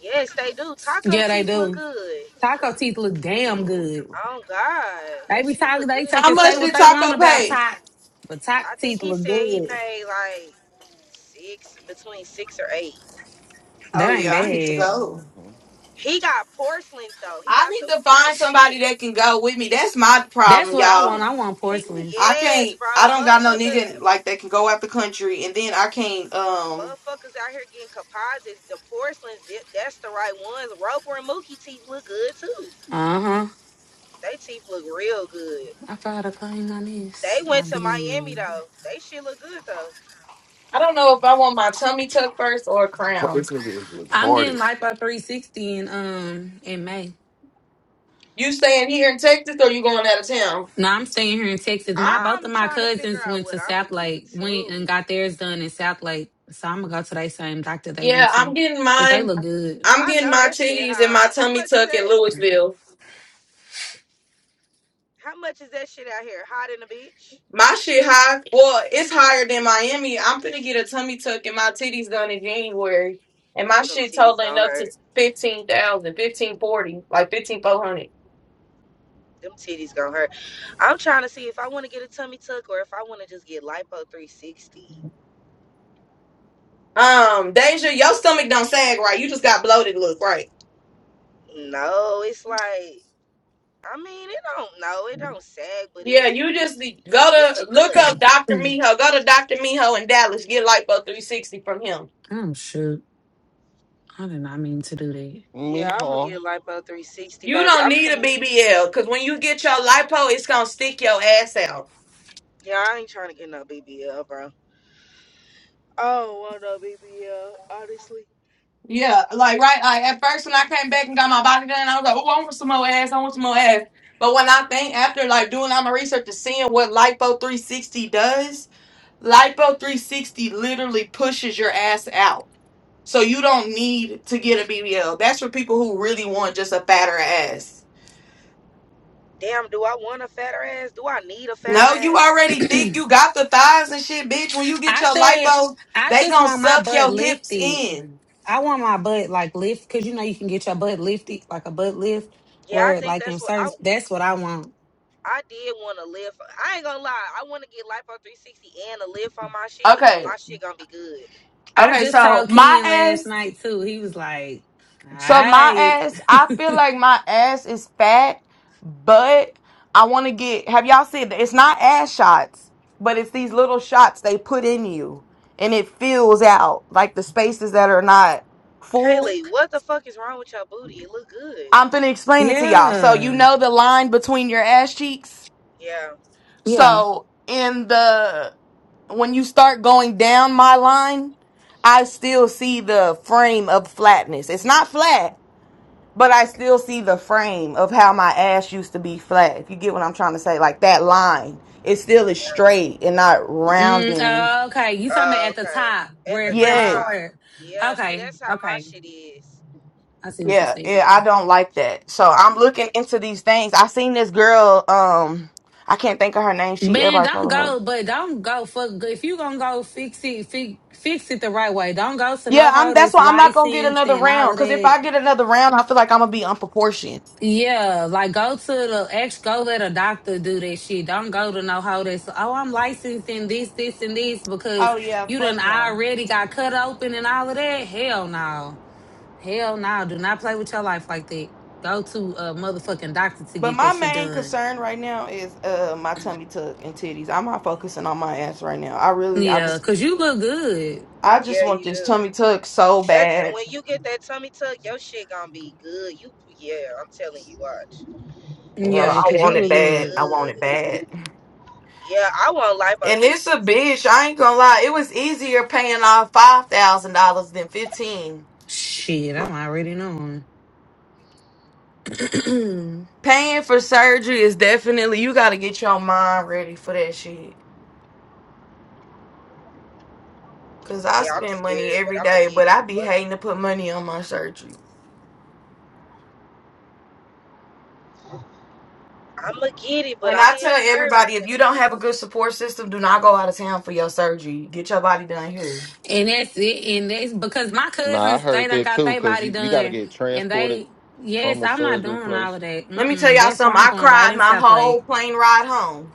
[SPEAKER 5] Yes, they do. Taco
[SPEAKER 4] Yeah, they
[SPEAKER 5] teeth look
[SPEAKER 4] do.
[SPEAKER 5] good.
[SPEAKER 4] Taco teeth look damn good.
[SPEAKER 5] Oh God,
[SPEAKER 4] They
[SPEAKER 5] his
[SPEAKER 4] be
[SPEAKER 5] shit
[SPEAKER 4] talking,
[SPEAKER 5] look
[SPEAKER 4] they
[SPEAKER 5] good as
[SPEAKER 4] take
[SPEAKER 2] How
[SPEAKER 4] and
[SPEAKER 5] fuck.
[SPEAKER 4] say
[SPEAKER 2] much
[SPEAKER 4] what
[SPEAKER 2] did
[SPEAKER 4] they want
[SPEAKER 2] Taco
[SPEAKER 4] about
[SPEAKER 2] pay?
[SPEAKER 4] taco, but taco
[SPEAKER 5] I think
[SPEAKER 4] teeth
[SPEAKER 5] he
[SPEAKER 4] look
[SPEAKER 5] said he
[SPEAKER 4] good.
[SPEAKER 5] paid like six, between six or eight.
[SPEAKER 2] Oh
[SPEAKER 4] That ain't
[SPEAKER 2] yeah, I need to
[SPEAKER 4] bad.
[SPEAKER 2] go.
[SPEAKER 5] He got porcelains though. He
[SPEAKER 2] I
[SPEAKER 5] got
[SPEAKER 2] need
[SPEAKER 5] the
[SPEAKER 2] to
[SPEAKER 5] right
[SPEAKER 2] find somebody
[SPEAKER 5] shit.
[SPEAKER 2] that can go with me. That's my
[SPEAKER 4] That's
[SPEAKER 2] problem,
[SPEAKER 4] what I
[SPEAKER 2] y'all.
[SPEAKER 4] want. I want
[SPEAKER 5] He,
[SPEAKER 4] porcelains.
[SPEAKER 2] I
[SPEAKER 5] yes,
[SPEAKER 2] can't.
[SPEAKER 5] bro,
[SPEAKER 2] I don't got no
[SPEAKER 5] motherfuckers,
[SPEAKER 2] nigga like that can go out the country, and then I can't. Um,
[SPEAKER 5] motherfuckers out here getting composites. The porcelains, that- that's the right ones. Roper and Mookie teeth look good too.
[SPEAKER 4] Uh huh.
[SPEAKER 5] They teeth look real good.
[SPEAKER 4] I tried to claim my
[SPEAKER 5] They
[SPEAKER 4] miss.
[SPEAKER 5] went
[SPEAKER 4] I
[SPEAKER 5] to Miami
[SPEAKER 4] did.
[SPEAKER 5] though. They shit look good though.
[SPEAKER 2] I don't know if I want my tummy tuck first or a
[SPEAKER 6] Fuck,
[SPEAKER 2] crown.
[SPEAKER 6] This nigga is
[SPEAKER 4] I'm
[SPEAKER 6] retarded.
[SPEAKER 4] getting life by 360 in um in May.
[SPEAKER 2] You staying here in Texas, or you going out of town?
[SPEAKER 4] No, I'm staying here in Texas. My both
[SPEAKER 5] I'm
[SPEAKER 4] of my
[SPEAKER 5] trying to figure
[SPEAKER 4] cousins
[SPEAKER 5] out
[SPEAKER 4] went
[SPEAKER 5] what
[SPEAKER 4] to
[SPEAKER 5] I'ma
[SPEAKER 4] South
[SPEAKER 5] get
[SPEAKER 4] Lake, went
[SPEAKER 5] too.
[SPEAKER 4] and got theirs done in South Lake. So I'm gonna go to that same doctor they
[SPEAKER 2] Yeah,
[SPEAKER 4] went
[SPEAKER 2] I'm
[SPEAKER 4] to.
[SPEAKER 2] getting
[SPEAKER 4] Cause they
[SPEAKER 2] mine.
[SPEAKER 4] look good.
[SPEAKER 2] I'm
[SPEAKER 5] I
[SPEAKER 2] getting
[SPEAKER 5] know
[SPEAKER 2] my
[SPEAKER 5] that shit
[SPEAKER 2] titties and
[SPEAKER 5] high.
[SPEAKER 2] my
[SPEAKER 5] How
[SPEAKER 2] tummy
[SPEAKER 5] much is
[SPEAKER 2] tuck in
[SPEAKER 5] that?
[SPEAKER 2] Louisville.
[SPEAKER 5] How much is that shit out here? Hot in the bitch?
[SPEAKER 2] My shit high. Well, it's higher than Miami. I'm gonna get a tummy tuck and my titties done in January, and my
[SPEAKER 5] Ooh, them
[SPEAKER 2] shit
[SPEAKER 5] titties
[SPEAKER 2] totaling
[SPEAKER 5] gonna
[SPEAKER 2] up to
[SPEAKER 5] hurt.
[SPEAKER 2] fifteen thousand, fifteen forty, like fifteen four hundred.
[SPEAKER 5] Them titties gonna hurt. I'm trying to see if I want to get a tummy tuck or if I want to just get lipo 360.
[SPEAKER 2] Um, Deja, your stomach don't sag right. You just got bloated. Look right.
[SPEAKER 5] No, it's like I mean it don't no it don't sag, but
[SPEAKER 2] Yeah,
[SPEAKER 5] it's
[SPEAKER 2] you just
[SPEAKER 5] it's
[SPEAKER 2] need- go
[SPEAKER 5] it's a
[SPEAKER 2] to look up
[SPEAKER 5] good.
[SPEAKER 2] Doctor
[SPEAKER 4] Mm.
[SPEAKER 2] Miho. Go to Doctor Miho in Dallas. Get lipo three sixty from him.
[SPEAKER 4] I'm shoot. I did not mean to do that.
[SPEAKER 5] Yeah, I'm gonna
[SPEAKER 1] Mm-hmm.
[SPEAKER 5] get lipo 360,
[SPEAKER 2] You
[SPEAKER 5] baby.
[SPEAKER 2] don't
[SPEAKER 5] I'm
[SPEAKER 2] need a
[SPEAKER 5] finna
[SPEAKER 2] BBL because when you get your lipo, it's gonna stick your ass out.
[SPEAKER 5] Yeah, I ain't trying to get no BBL, bro. I don't want no BBL, honestly.
[SPEAKER 2] Yeah, like right. Like at first when I came back and got my body done, I was like, oh, I want some more ass. I want some more ass. But when I think after like doing all my research and seeing what lipo three sixty does, lipo three sixty literally pushes your ass out. So you don't need to get a BBL. That's for people who really want just a fatter ass.
[SPEAKER 5] Damn, do I want a fatter ass? Do I need a fatter
[SPEAKER 2] No, you
[SPEAKER 5] ass?
[SPEAKER 2] already thick. You got the thighs and shit, bitch. When you get
[SPEAKER 4] I
[SPEAKER 2] your
[SPEAKER 4] said
[SPEAKER 2] lipo,
[SPEAKER 4] I
[SPEAKER 2] they
[SPEAKER 4] just
[SPEAKER 2] gonna
[SPEAKER 4] want my
[SPEAKER 2] suck
[SPEAKER 4] butt
[SPEAKER 2] your hips
[SPEAKER 4] lifted.
[SPEAKER 2] in.
[SPEAKER 4] I want my butt like lift because you know you can get your butt lifted like a butt lift
[SPEAKER 5] Yeah, I
[SPEAKER 4] where
[SPEAKER 5] think
[SPEAKER 4] like in
[SPEAKER 5] that's what
[SPEAKER 4] certain
[SPEAKER 5] I
[SPEAKER 4] that's what I want.
[SPEAKER 5] I did want to live. For, I ain't gonna lie, I want to get life on 360 and a lift on my shit, and
[SPEAKER 2] Okay.
[SPEAKER 5] my shit gonna be good.
[SPEAKER 4] I
[SPEAKER 2] Okay.
[SPEAKER 4] just
[SPEAKER 2] So
[SPEAKER 4] saw
[SPEAKER 2] my
[SPEAKER 4] Ken last
[SPEAKER 2] ass.
[SPEAKER 4] night too. He was like, "All
[SPEAKER 2] So my
[SPEAKER 4] right,
[SPEAKER 2] ass. I feel like my ass is fat, but I want to get. Have y'all seen? that? It's not ass shots, but it's these little shots they put in you, and it fills out like the spaces that are not full.
[SPEAKER 5] Kaylee, what the fuck is wrong with your booty? It look good.
[SPEAKER 2] I'm finna explain it to y'all. So you
[SPEAKER 4] yeah,
[SPEAKER 2] know the line between your ass cheeks.
[SPEAKER 5] Yeah.
[SPEAKER 4] yeah."
[SPEAKER 2] So in the when you start going down my line, I still see the frame of flatness. It's not flat, but I still see the frame of how my ass used to be flat. If you get what I'm trying to say, like that line, it still is straight and not
[SPEAKER 4] Mm,
[SPEAKER 2] rounding.
[SPEAKER 4] oh, okay, you talking about
[SPEAKER 5] Uh,
[SPEAKER 4] at the
[SPEAKER 5] okay.
[SPEAKER 4] top
[SPEAKER 5] At
[SPEAKER 4] where
[SPEAKER 5] the
[SPEAKER 4] it first
[SPEAKER 2] Yes.
[SPEAKER 5] top.
[SPEAKER 4] started?
[SPEAKER 5] Yeah. See,
[SPEAKER 4] Okay,
[SPEAKER 5] that's how my
[SPEAKER 4] okay,
[SPEAKER 5] shit is.
[SPEAKER 4] I see what you
[SPEAKER 2] Yeah,
[SPEAKER 4] saying.
[SPEAKER 2] yeah, I don't like that. So I'm looking into these things. I seen this girl, um, I can't think of her name. She
[SPEAKER 4] Man,
[SPEAKER 2] everybody
[SPEAKER 4] don't
[SPEAKER 2] follow her
[SPEAKER 4] go, but don't go for if you gonna go fix it, fix, fix it the right way. Don't go to
[SPEAKER 2] Yeah,
[SPEAKER 4] no
[SPEAKER 2] I'm.
[SPEAKER 4] hoe
[SPEAKER 2] That's
[SPEAKER 4] that's
[SPEAKER 2] why I'm not gonna get
[SPEAKER 4] licensed
[SPEAKER 2] another
[SPEAKER 4] and all
[SPEAKER 2] round.
[SPEAKER 4] of
[SPEAKER 2] Cause if
[SPEAKER 4] that.
[SPEAKER 2] I get another round, I feel like I'm gonna be unproportioned.
[SPEAKER 4] Yeah, like go to the ex, go let a doctor do that shit. Don't go to no hoe that's, oh, I'm licensed in this, this, and this because
[SPEAKER 2] Oh yeah,
[SPEAKER 4] you
[SPEAKER 2] fuck
[SPEAKER 4] done
[SPEAKER 2] no.
[SPEAKER 4] already got cut open and all of that. Hell no. Hell no. Do not play with your life like that. Go to a motherfucking doctor to
[SPEAKER 2] But
[SPEAKER 4] get
[SPEAKER 2] my
[SPEAKER 4] that shit
[SPEAKER 2] main
[SPEAKER 4] done.
[SPEAKER 2] concern right now is uh my tummy tuck and titties. I'm not focusing on my ass right now. I really, I
[SPEAKER 4] Yeah,
[SPEAKER 2] just,
[SPEAKER 4] because you look good.
[SPEAKER 2] I just
[SPEAKER 5] Yeah,
[SPEAKER 2] want
[SPEAKER 5] you
[SPEAKER 2] this
[SPEAKER 5] do.
[SPEAKER 2] tummy tuck so
[SPEAKER 5] That's
[SPEAKER 2] bad.
[SPEAKER 5] when you get that tummy tuck, your shit gonna be good. You yeah, I'm telling you, watch.
[SPEAKER 2] Girl,
[SPEAKER 5] Your
[SPEAKER 4] Yeah,
[SPEAKER 2] I
[SPEAKER 5] shit
[SPEAKER 4] because you
[SPEAKER 2] want
[SPEAKER 5] gonna
[SPEAKER 2] it
[SPEAKER 4] look
[SPEAKER 5] be
[SPEAKER 2] bad.
[SPEAKER 4] good.
[SPEAKER 2] I want it
[SPEAKER 5] good.
[SPEAKER 2] bad.
[SPEAKER 5] Yeah, I want lipo
[SPEAKER 2] And it's a
[SPEAKER 5] 360.
[SPEAKER 2] bitch. I ain't gonna lie. It was easier paying off five thousand dollars than fifteen.
[SPEAKER 4] Shit, I'm already knowing.
[SPEAKER 2] Paying for surgery is definitely you got to get your mind ready for that shit. Cause I
[SPEAKER 5] Yeah, I'm
[SPEAKER 2] spend money
[SPEAKER 5] scared, but
[SPEAKER 2] every
[SPEAKER 5] I'ma
[SPEAKER 2] day,
[SPEAKER 5] get
[SPEAKER 2] but
[SPEAKER 5] it.
[SPEAKER 2] I be
[SPEAKER 5] Fuck it.
[SPEAKER 2] hating to put money on my surgery.
[SPEAKER 5] I'ma get it, but
[SPEAKER 2] And
[SPEAKER 5] I
[SPEAKER 2] I tell
[SPEAKER 5] am
[SPEAKER 2] everybody,
[SPEAKER 5] nervous
[SPEAKER 2] if
[SPEAKER 5] than a
[SPEAKER 2] you don't have a
[SPEAKER 5] motherfucker.
[SPEAKER 2] good support system, do not go out of town for your surgery. Get your body done here.
[SPEAKER 4] And that's it. And that's because my
[SPEAKER 1] Nah, I
[SPEAKER 4] cousins, they
[SPEAKER 1] heard
[SPEAKER 4] done
[SPEAKER 1] that
[SPEAKER 4] got
[SPEAKER 1] too,
[SPEAKER 4] their
[SPEAKER 1] cause
[SPEAKER 4] body
[SPEAKER 1] you, you gotta
[SPEAKER 4] done.
[SPEAKER 1] get
[SPEAKER 4] And
[SPEAKER 1] transported
[SPEAKER 4] they,
[SPEAKER 1] from
[SPEAKER 4] yes,
[SPEAKER 1] the
[SPEAKER 4] I'm not
[SPEAKER 1] surgery
[SPEAKER 4] doing all
[SPEAKER 1] place.
[SPEAKER 4] of that.
[SPEAKER 2] Let me tell
[SPEAKER 4] Mm-mm.
[SPEAKER 2] y'all
[SPEAKER 4] That's why
[SPEAKER 2] something.
[SPEAKER 4] I'm
[SPEAKER 2] I
[SPEAKER 4] going right
[SPEAKER 2] cried
[SPEAKER 4] in
[SPEAKER 2] my
[SPEAKER 4] South
[SPEAKER 2] whole
[SPEAKER 4] Lake.
[SPEAKER 2] plane ride home.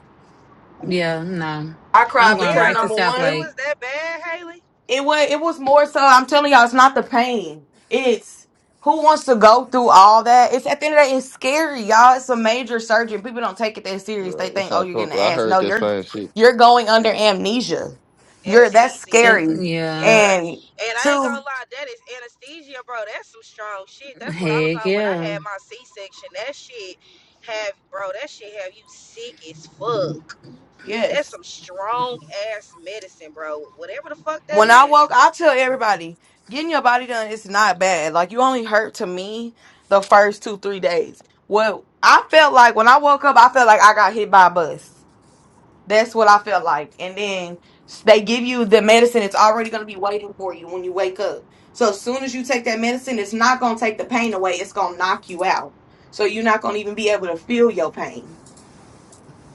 [SPEAKER 4] Yeah, no.
[SPEAKER 2] I
[SPEAKER 4] I'm
[SPEAKER 2] cried
[SPEAKER 4] going
[SPEAKER 2] because
[SPEAKER 4] right to
[SPEAKER 2] number
[SPEAKER 5] Damn,
[SPEAKER 4] South
[SPEAKER 5] it
[SPEAKER 2] one,
[SPEAKER 5] was
[SPEAKER 4] Lake.
[SPEAKER 5] that bad, Haley?
[SPEAKER 2] It was it was more so I'm telling y'all, it's not the pain. It's who wants to go through all that? It's at the end of the day, it's scary, y'all. It's a major surgery. People don't take it that serious. They
[SPEAKER 1] Yeah,
[SPEAKER 2] think,
[SPEAKER 1] it's
[SPEAKER 2] oh, you're getting an
[SPEAKER 1] uncomfortable. I
[SPEAKER 2] ass. No,
[SPEAKER 1] heard that
[SPEAKER 2] you're
[SPEAKER 1] same shit.
[SPEAKER 2] you're going under amnesia. You're that's
[SPEAKER 5] Anesthesia.
[SPEAKER 4] And
[SPEAKER 2] scary.
[SPEAKER 4] yeah,
[SPEAKER 5] Yeah.
[SPEAKER 2] And
[SPEAKER 5] And I ain't gonna
[SPEAKER 2] two,
[SPEAKER 5] lie, that is anesthesia, bro. That's some strong shit. That's what I was
[SPEAKER 4] heck
[SPEAKER 5] on when I
[SPEAKER 4] yeah.
[SPEAKER 5] had my C section. That shit have bro, that shit have you sick as fuck. That's
[SPEAKER 2] yes.
[SPEAKER 5] some strong ass medicine, bro. Whatever the fuck that
[SPEAKER 2] When I
[SPEAKER 5] is.
[SPEAKER 2] woke, I tell everybody, getting your body done is not bad. Like you only hurt to me the first two, three days. Well, I felt like when I woke up, I felt like I got hit by a bus. That's what I felt like. And then s- they give you the medicine, it's already going to be waiting for you when you wake up. So as soon as you take that medicine, it's not going to take the pain away, it's going to knock you out. So you're not going to even be able to feel your pain.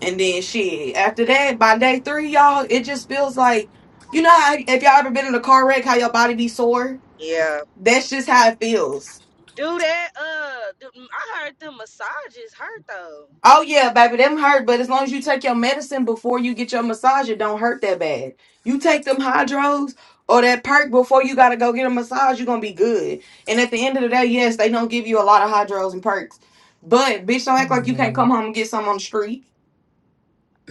[SPEAKER 2] And then shit, after that, by day three, y'all, it just feels like, you know, how, if y'all ever been in a car wreck, how your body be sore?
[SPEAKER 5] Yeah.
[SPEAKER 2] That's just how it feels.
[SPEAKER 5] Do that. Uh, do, I heard the massages hurt though.
[SPEAKER 2] Oh yeah, baby, them hurt, but as long as you take your medicine before you get your massage, it don't hurt that bad. You take them hydros or that perk before you gotta go get a massage, you're gonna be good. And at the end of the day, yes, they don't give you a lot of hydros and perks. But bitch, don't
[SPEAKER 4] Oh
[SPEAKER 2] act like you can't
[SPEAKER 4] my
[SPEAKER 2] come home and get some on the street.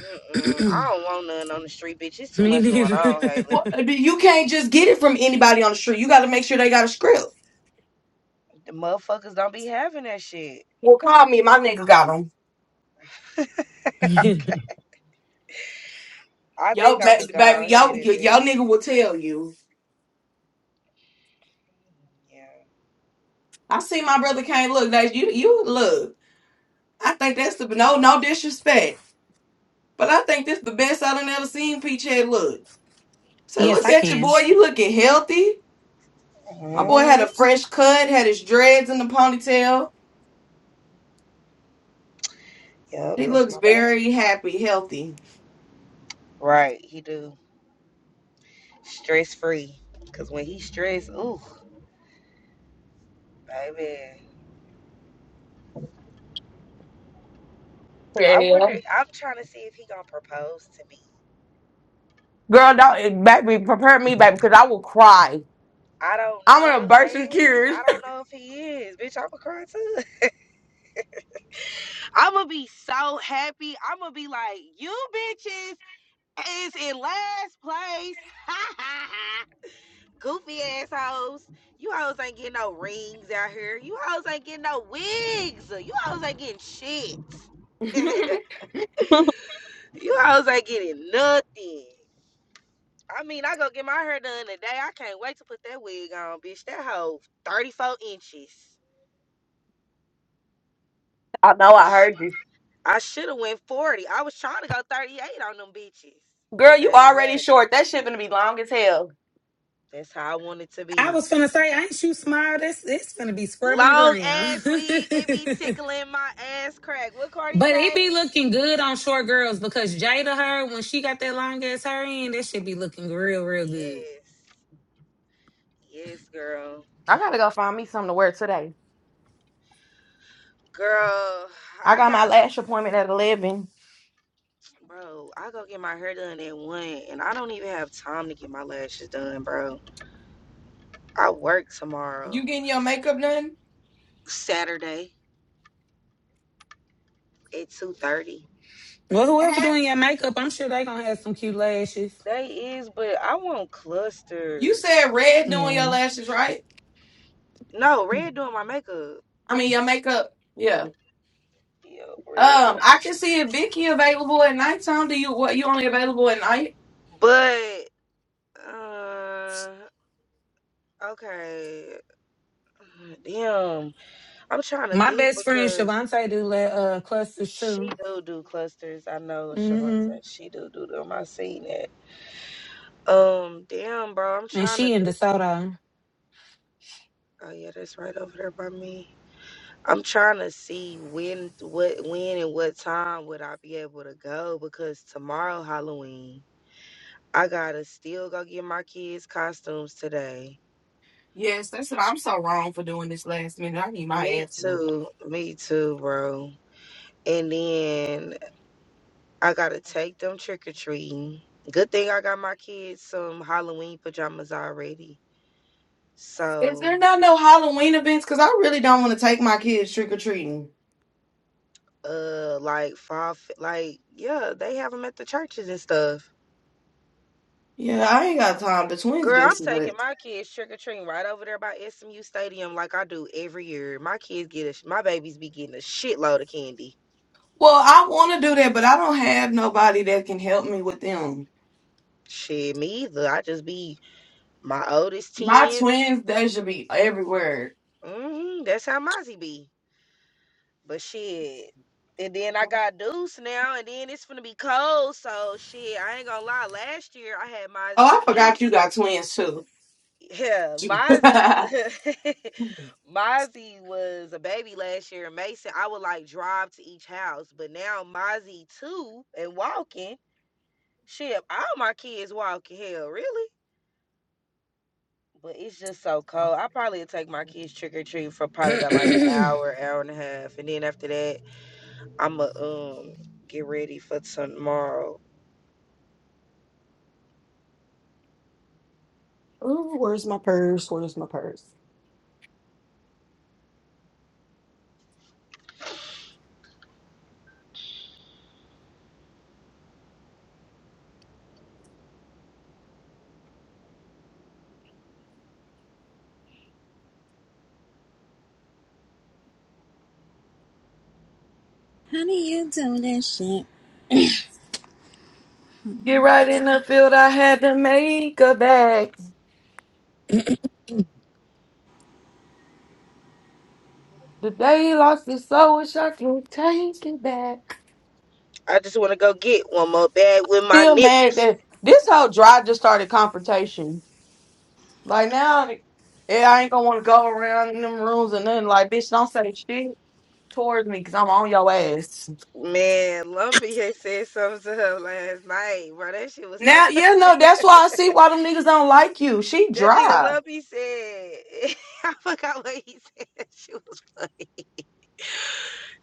[SPEAKER 5] Mm-mm,
[SPEAKER 4] God.
[SPEAKER 5] I don't want none on the street, bitch. It's too
[SPEAKER 4] Me
[SPEAKER 5] much going on, Haley.
[SPEAKER 2] What?
[SPEAKER 4] neither.
[SPEAKER 2] You can't just get it from anybody on the street. You gotta make sure they got a script.
[SPEAKER 5] The motherfuckers don't be having that shit.
[SPEAKER 2] Well, call me, my nigga got them.
[SPEAKER 5] I think
[SPEAKER 2] Yo,
[SPEAKER 5] I'm
[SPEAKER 2] ba-
[SPEAKER 5] gonna go
[SPEAKER 2] baby, yo,
[SPEAKER 5] ahead and
[SPEAKER 2] yo,
[SPEAKER 5] do
[SPEAKER 2] yo,
[SPEAKER 5] it.
[SPEAKER 2] nigga will tell you.
[SPEAKER 5] Yeah.
[SPEAKER 2] I see my brother can't look. That you, you look. I think that's the no no disrespect, but I think this the best I done ever seen Peach Head look. So
[SPEAKER 4] yes,
[SPEAKER 2] look
[SPEAKER 4] I
[SPEAKER 2] at your
[SPEAKER 4] can.
[SPEAKER 2] boy, you looking healthy. My boy had
[SPEAKER 5] hmm
[SPEAKER 2] a fresh cut, had his dreads in the ponytail.
[SPEAKER 5] Yep,
[SPEAKER 2] He
[SPEAKER 5] that's
[SPEAKER 2] looks
[SPEAKER 5] my baby.
[SPEAKER 2] very happy, healthy.
[SPEAKER 5] Right, he do stress free. Cause when he stressed, ooh, baby. I
[SPEAKER 2] Yeah.
[SPEAKER 5] wonder. I'm trying to see if he gonna propose to me.
[SPEAKER 2] Girl, don't back me, prepare me, back, because I will cry.
[SPEAKER 5] I don't
[SPEAKER 2] I'm gonna
[SPEAKER 5] know,
[SPEAKER 2] burst in
[SPEAKER 5] Haley.
[SPEAKER 2] tears.
[SPEAKER 5] I don't know if he is. Bitch, I'ma cry too. I'ma be so happy. I'ma be like, you bitches is in last place. Goofy assholes. You hoes ain't getting no rings out here. You hoes ain't getting no wigs. You hoes ain't getting shit. you hoes ain't getting nothing. I mean, I go get my hair done today. I can't wait to put that wig on, bitch. That hoe 34 inches.
[SPEAKER 2] I know
[SPEAKER 5] Oh,
[SPEAKER 2] I heard you.
[SPEAKER 5] I should have went 40. I was trying to go 38 on them bitches, but
[SPEAKER 2] Girl,
[SPEAKER 5] they
[SPEAKER 2] you
[SPEAKER 5] ain't have
[SPEAKER 2] already
[SPEAKER 5] it.
[SPEAKER 2] short. That shit gonna be long as hell.
[SPEAKER 5] That's how I want it to
[SPEAKER 4] I
[SPEAKER 5] be.
[SPEAKER 4] was finna say, ain't you smart? That's it's finna be scrubbing the
[SPEAKER 5] Long ass weed, it be
[SPEAKER 4] ground.
[SPEAKER 5] tickling my ass crack. What Cardi
[SPEAKER 4] But it
[SPEAKER 5] say?
[SPEAKER 4] be looking good on short girls because Jada her when she got that long ass hair in, that should be looking real, real good.
[SPEAKER 5] Yes. Yes, girl.
[SPEAKER 2] I gotta go find me something to wear today.
[SPEAKER 5] Girl,
[SPEAKER 2] I
[SPEAKER 5] I
[SPEAKER 2] got my
[SPEAKER 5] got
[SPEAKER 2] lash appointment at eleven.
[SPEAKER 5] bro, I go get my hair done at one and I don't even have time to get my lashes done, bro. I work
[SPEAKER 2] You
[SPEAKER 5] tomorrow,
[SPEAKER 2] getting your makeup done?
[SPEAKER 5] Saturday at two thirty.
[SPEAKER 4] Well, whoever doing your makeup, I'm sure they gonna have some cute lashes.
[SPEAKER 5] They is, but I want
[SPEAKER 2] You
[SPEAKER 5] clusters.
[SPEAKER 2] said red doing your
[SPEAKER 4] Yeah,
[SPEAKER 2] lashes, right?
[SPEAKER 5] No, red doing my makeup.
[SPEAKER 2] I mean your makeup. Yeah.
[SPEAKER 5] Yeah, red door.
[SPEAKER 2] Um, I can see if Vicky available at nighttime. Do you what you only available at night?
[SPEAKER 5] But uh okay. Damn. I'm trying to
[SPEAKER 4] my
[SPEAKER 5] think
[SPEAKER 4] best friend
[SPEAKER 5] because
[SPEAKER 4] Shavante do let uh clusters
[SPEAKER 5] she
[SPEAKER 4] too.
[SPEAKER 5] do do clusters. I know Shavonta.
[SPEAKER 4] hmm
[SPEAKER 5] She do do them. I seen it. Um, damn, bro. I'm
[SPEAKER 4] And
[SPEAKER 5] trying to
[SPEAKER 4] she in
[SPEAKER 5] think.
[SPEAKER 4] DeSoto.
[SPEAKER 5] Oh yeah, that's right over there by me. I'm trying to see when, what, when, and what time would I be able to go because tomorrow Halloween. I gotta still go get my kids costumes today.
[SPEAKER 2] Yes, that's what I'm so wrong for doing this last minute. I need my
[SPEAKER 5] Me
[SPEAKER 2] ass whooped.
[SPEAKER 5] too. Me too, bro. And then I gotta take them trick or treating. Good thing I got my kids some Halloween pajamas already.
[SPEAKER 2] Is
[SPEAKER 5] So,
[SPEAKER 2] there not no Halloween events? Cause I really don't want to take my kids trick or treating.
[SPEAKER 5] uh, like five, like yeah, they have them at the churches and stuff.
[SPEAKER 2] Yeah, I ain't got time. The twins
[SPEAKER 5] Girl,
[SPEAKER 2] do
[SPEAKER 5] I'm
[SPEAKER 2] some of
[SPEAKER 5] taking
[SPEAKER 2] it.
[SPEAKER 5] my kids trick or treating right over there by SMU Stadium, like I do every year. My kids get a, sh- my babies be getting a shitload of candy.
[SPEAKER 2] Well, I want to do that, but I don't have nobody that can help me with them.
[SPEAKER 5] Shit, me either. I just be my oldest
[SPEAKER 2] My
[SPEAKER 5] 10
[SPEAKER 2] twins, they should be everywhere.
[SPEAKER 5] Mm-hmm, that's how Mozzie be. But shit. And then I got Deuce now, and then it's gonna be cold. So shit, I ain't gonna lie. Last year I had
[SPEAKER 2] Oh,
[SPEAKER 5] Mozzie.
[SPEAKER 2] I
[SPEAKER 5] He,
[SPEAKER 2] forgot you got twins too.
[SPEAKER 5] yeah, Mozzie. Mozzie was a baby last year, and Mason, I would like drive to each house, but now Mozzie too and walking. Shit, all my kids walking. Hell, really? But it's just so cold. I probably would take my kids trick or treat for probably about like an hour, hour and a half, and then after that I'ma um get ready for tomorrow.
[SPEAKER 3] Honey, you do that shit.
[SPEAKER 2] Get right in the field. I had to make a back. The day he lost his soul, wish I could take it back.
[SPEAKER 5] I just wanna go get one more bag with my
[SPEAKER 2] Still
[SPEAKER 5] nip.
[SPEAKER 2] mad that this whole drive just started confrontation. Like now, yeah, I ain't gonna want to go around in them rooms and nothing. Like, bitch, don't say shit towards me because I'm on your ass.
[SPEAKER 5] Man, Lumpy had said something to her last night, bro. That shit was so
[SPEAKER 2] Now,
[SPEAKER 5] funny.
[SPEAKER 2] yeah, no, that's why I see why them niggas don't like you. She
[SPEAKER 5] That nigga
[SPEAKER 2] dry.
[SPEAKER 5] Lumpy said I forgot what he said. That shit was funny.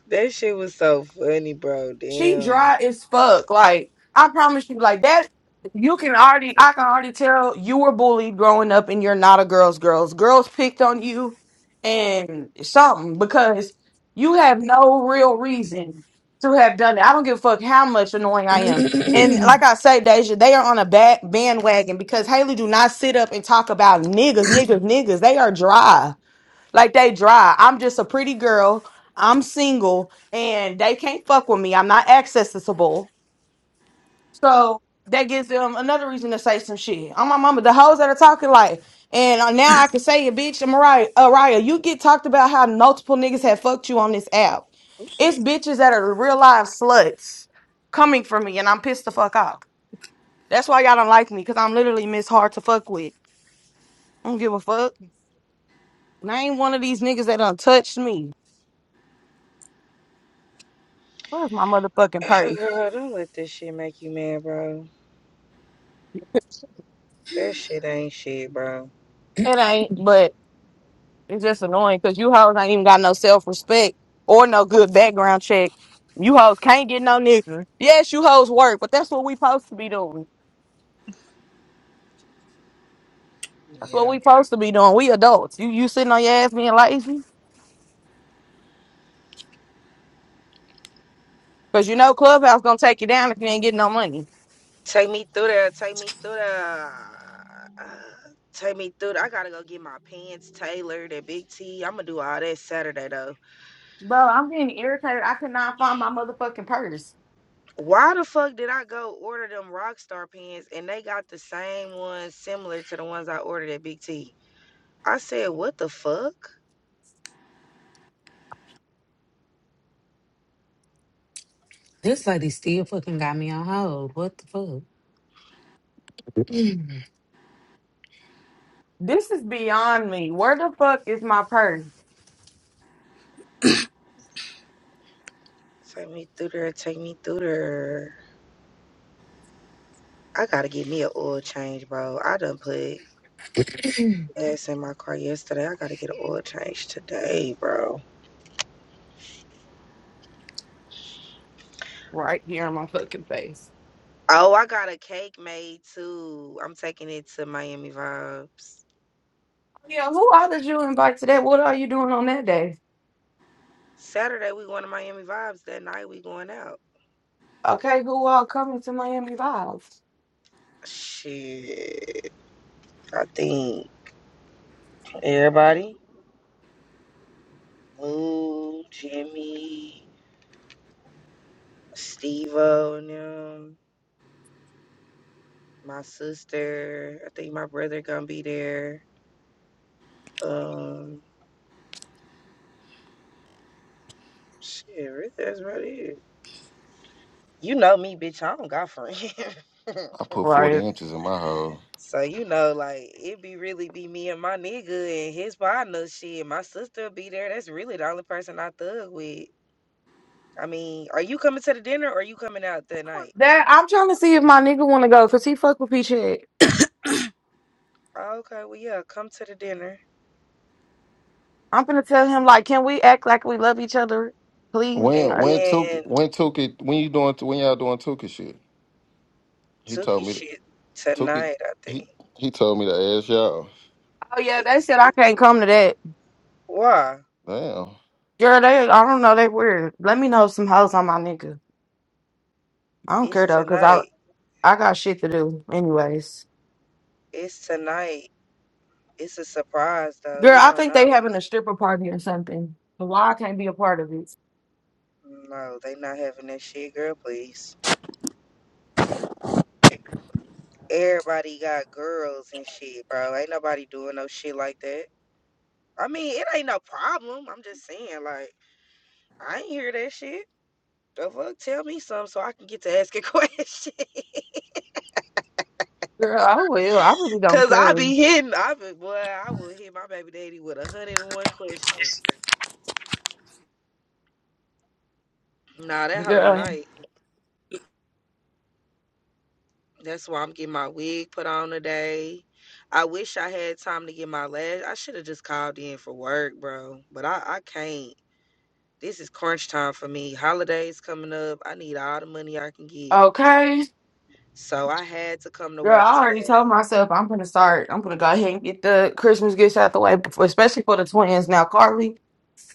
[SPEAKER 5] That shit was so funny, bro.
[SPEAKER 2] She
[SPEAKER 5] Damn.
[SPEAKER 2] dry as fuck. Like I promise you, like that. You can already, I can already tell you were bullied growing up, and you're not a girl's girls. Girls picked on you, and something because you have no real reason to have done it. I don't give a fuck how much annoying I am. And like I say, Deja, they are on a back bandwagon because Haley do not sit up and talk about niggas, niggas, niggas. They are dry. Like they dry. I'm just a pretty girl. I'm single and they can't fuck with me. I'm not accessible. So that gives them another reason to say some shit. I'm my mama, the hoes that are talking like, and uh, now I can say it, bitch. Mariah, Araya, you get talked about how multiple niggas have fucked you on this app. It's bitches that are real live sluts coming for me, and I'm pissed the fuck off. That's why y'all don't like me, because I'm literally Miss Hard to fuck with. I don't give a fuck. Name one of these niggas that done touched me. Where's my motherfucking purse?
[SPEAKER 5] Girl, don't let this shit make you mad, bro. That shit ain't shit, bro.
[SPEAKER 2] It ain't, but it's just annoying because you hoes ain't even got no self respect or no good background check. You hoes can't get no nigga. Yes, you hoes work, but that's what we supposed to be doing. That's
[SPEAKER 5] Yeah.
[SPEAKER 2] what we supposed to be doing. We adults. You you sitting on your ass being lazy because you know Clubhouse gonna take you down if you ain't getting no money.
[SPEAKER 5] Take me through there. Take me through there. Take me through. there. I gotta go get my pants tailored at Big T. I'm gonna do all that Saturday though.
[SPEAKER 2] Bro, I'm getting irritated. I could not find my motherfucking purse.
[SPEAKER 5] Why the fuck did I go order them Rockstar pants and they got the same ones similar to the ones I ordered at Big T? I said, what the fuck?
[SPEAKER 4] this lady still fucking got me on hold. What the fuck? Mm.
[SPEAKER 2] This is beyond me. Where the fuck is my purse?
[SPEAKER 5] Take me through there. Take me through there. I gotta get me an oil change, bro. I done put gas in my car yesterday. I gotta get an oil change today, bro.
[SPEAKER 2] Right here in my fucking face.
[SPEAKER 5] Oh, I got a cake made too. I'm taking it to Miami Vibes.
[SPEAKER 2] Yeah, who all did you invite to that? What are you doing on that day?
[SPEAKER 5] Saturday we going to Miami Vibes. That night we going out.
[SPEAKER 2] Okay, who all coming to Miami Vice?
[SPEAKER 5] Shit, I think everybody, Lou, Jimmy, Steve-O and them, my sister. I think my brother gonna be there. Um, shit, really, that's about it. You know me, bitch. I don't got friends.
[SPEAKER 1] I put forty
[SPEAKER 2] Right.
[SPEAKER 1] inches in my hole.
[SPEAKER 5] So you know, like it be really be me and my nigga and his partner. Shit, my sister be there. That's really the only person I thug with. I mean, are you coming to the dinner or you coming out that night?
[SPEAKER 2] That I'm trying to see if my nigga want to go because he fuck with Peach Head.
[SPEAKER 5] "Oh, okay, well yeah, come to the dinner
[SPEAKER 2] I'm gonna tell him like, can we act like we love each other, please?
[SPEAKER 5] and
[SPEAKER 1] When
[SPEAKER 2] Right.
[SPEAKER 1] when took
[SPEAKER 5] then
[SPEAKER 1] when took it when you doing when y'all doing Tuka shit? He
[SPEAKER 5] Tookie
[SPEAKER 1] told me to
[SPEAKER 5] shit
[SPEAKER 1] took it.
[SPEAKER 5] tonight. I
[SPEAKER 1] He
[SPEAKER 5] think.
[SPEAKER 1] he told me to ask y'all.
[SPEAKER 2] Oh
[SPEAKER 5] I
[SPEAKER 2] yeah,
[SPEAKER 5] think
[SPEAKER 2] they
[SPEAKER 5] it's
[SPEAKER 2] said I can't come to that.
[SPEAKER 5] why
[SPEAKER 1] Damn.
[SPEAKER 2] Girl, they I don't know, they weird. Let me know some hoes on my nigga. I don't
[SPEAKER 5] it's
[SPEAKER 2] care though, cause I
[SPEAKER 5] tonight.
[SPEAKER 2] I got shit to do anyways.
[SPEAKER 5] It's tonight. It's a surprise though.
[SPEAKER 2] Girl,
[SPEAKER 5] He
[SPEAKER 2] I
[SPEAKER 5] don't
[SPEAKER 2] think they
[SPEAKER 5] know.
[SPEAKER 2] having a stripper party or something. So Why I can't be a part of it?
[SPEAKER 5] No, they not having that shit, girl. Please. everybody got girls and shit, bro. Ain't nobody doing no shit like that. I mean, it ain't no problem. I'm just saying, like, I ain't hear that shit. The fuck, tell me something so I can get to asking questions.
[SPEAKER 2] Girl, I will. I really don't
[SPEAKER 5] Cause I
[SPEAKER 2] care.
[SPEAKER 5] be hitting, I be boy, I would hit my baby daddy with a hundred and one questions. Nah, that hoe
[SPEAKER 2] Girl,
[SPEAKER 5] tonight. That's why I'm getting my wig put on today. I wish I had time to get my lash. I should have just called in for work, bro. But I, I can't. This is crunch time for me. Holidays coming up. I need all the money I can get.
[SPEAKER 2] okay.
[SPEAKER 5] So I had to come to
[SPEAKER 2] Girl,
[SPEAKER 5] work
[SPEAKER 2] I already
[SPEAKER 5] today.
[SPEAKER 2] told myself I'm gonna start. I'm gonna go ahead and get the Christmas gifts out the way, before, especially for the twins. Now, Carly,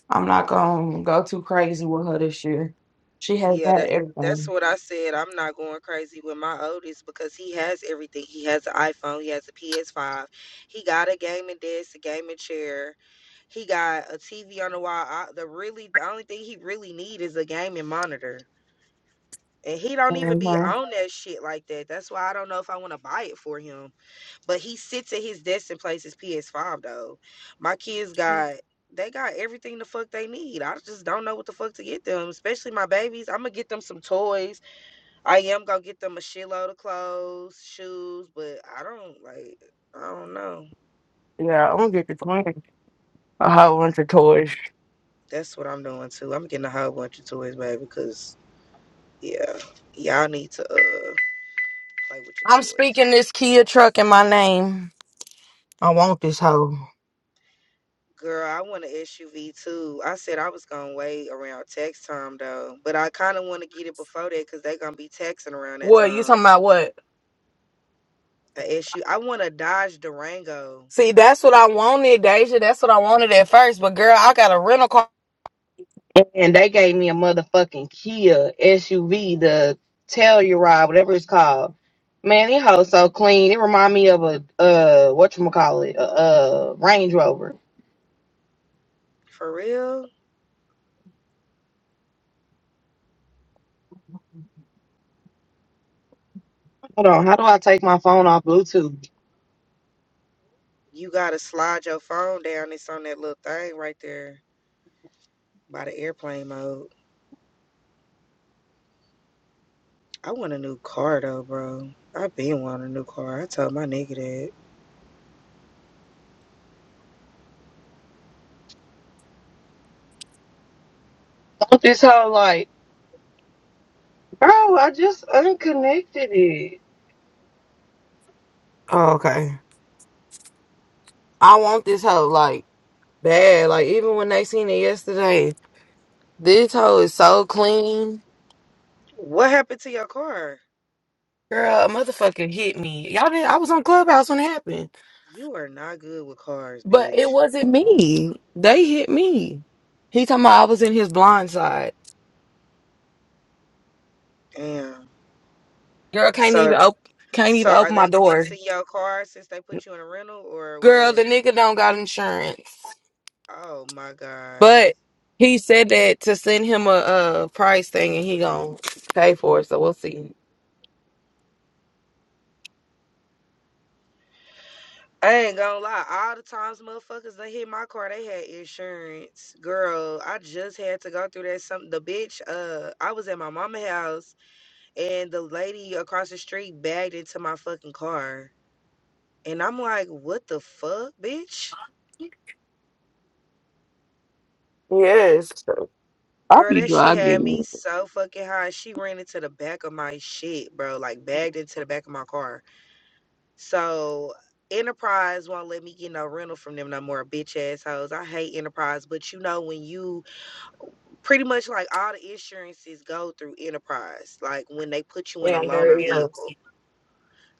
[SPEAKER 2] I'm not gonna go too crazy with her this year. She has
[SPEAKER 5] Yeah,
[SPEAKER 2] had
[SPEAKER 5] that, that's
[SPEAKER 2] everything.
[SPEAKER 5] what I said. I'm not going crazy with my oldest because he has everything. He has an iPhone, he has a PS5, he got a gaming desk, a gaming chair. He got a TV on the wall. I, the really the only thing he really need is a gaming monitor. And he don't even
[SPEAKER 2] hmm
[SPEAKER 5] be on that shit like that. That's why I don't know if I want to buy it for him But he sits at his desk and plays his PS5 though. My kids got they got everything the fuck they need. I just don't know what the fuck to get them, especially my babies. I'm gonna get them some toys. I am gonna get them a shitload of clothes, shoes, but I don't like I don't know.
[SPEAKER 2] Yeah, I'm gonna get the twins a whole bunch of toys.
[SPEAKER 5] That's what I'm doing too. I'm getting a whole bunch of toys, baby, because yeah, y'all need to uh play with
[SPEAKER 2] I'm
[SPEAKER 5] your
[SPEAKER 2] speaking
[SPEAKER 5] toys.
[SPEAKER 2] this Kia truck in my name. I want this hoe.
[SPEAKER 5] Girl, I want an SUV too. I said I was gonna wait around tax time though, but I kind of want to get it before that because they gonna be taxing around that
[SPEAKER 2] What you
[SPEAKER 5] time.
[SPEAKER 2] talking about? What?
[SPEAKER 5] A SU, I want a Dodge Durango.
[SPEAKER 2] See, that's what I wanted, Deja. That's what I wanted at first. But girl, I got a rental car. And they gave me a motherfucking Kia SUV, the Telluride, whatever it's called. Man, it hoes so clean. It remind me of a uh what you call it, a, uh Range Rover.
[SPEAKER 5] For real,
[SPEAKER 2] Hold on, how do I take my phone off Bluetooth?
[SPEAKER 5] you gotta slide your phone down. It's on that little thing right there by the airplane mode. I want a new car though, bro. i been wanting a new car. I told my nigga that.
[SPEAKER 2] Don't this hoe like, bro? I just unconnected it. Oh, okay. I want this hoe like bad. Like even when they seen it yesterday, this hoe is so clean.
[SPEAKER 5] What happened to your car?
[SPEAKER 2] Girl, a motherfucker hit me. Y'all did I was on Clubhouse when it happened.
[SPEAKER 5] You are not good with cars,
[SPEAKER 2] But it
[SPEAKER 5] bitch.
[SPEAKER 2] wasn't me. They hit me. He talking about I was in his blind side.
[SPEAKER 5] Damn.
[SPEAKER 2] Girl can't
[SPEAKER 5] So.
[SPEAKER 2] even op- can't
[SPEAKER 5] So
[SPEAKER 2] even
[SPEAKER 5] are
[SPEAKER 2] open my
[SPEAKER 5] they
[SPEAKER 2] door.
[SPEAKER 5] fixing your car since they put you in a rental or
[SPEAKER 2] Girl,
[SPEAKER 5] what?
[SPEAKER 2] the nigga don't got insurance.
[SPEAKER 5] Oh my god.
[SPEAKER 2] But he said that to send him a, uh price thing and he gonna pay for it, so we'll see.
[SPEAKER 5] I ain't gonna lie. All the times motherfuckers they hit my car, they had insurance. Girl, I just had to go through that some the bitch, uh I was at my mama house and the lady across the street bagged into my fucking car. And I'm like, what the fuck, bitch?
[SPEAKER 2] Yes. I'll
[SPEAKER 5] Girl,
[SPEAKER 2] be
[SPEAKER 5] that shit had me
[SPEAKER 2] driving.
[SPEAKER 5] so fucking high. She ran into the back of my shit, bro. Like bagged into the back of my car. So Enterprise won't let me get no rental from them no more, bitch assholes. I hate Enterprise, but you know when you pretty much like all the insurances go through Enterprise, like when they put you in a
[SPEAKER 2] Yeah, there
[SPEAKER 5] loaner
[SPEAKER 2] he
[SPEAKER 5] vehicle.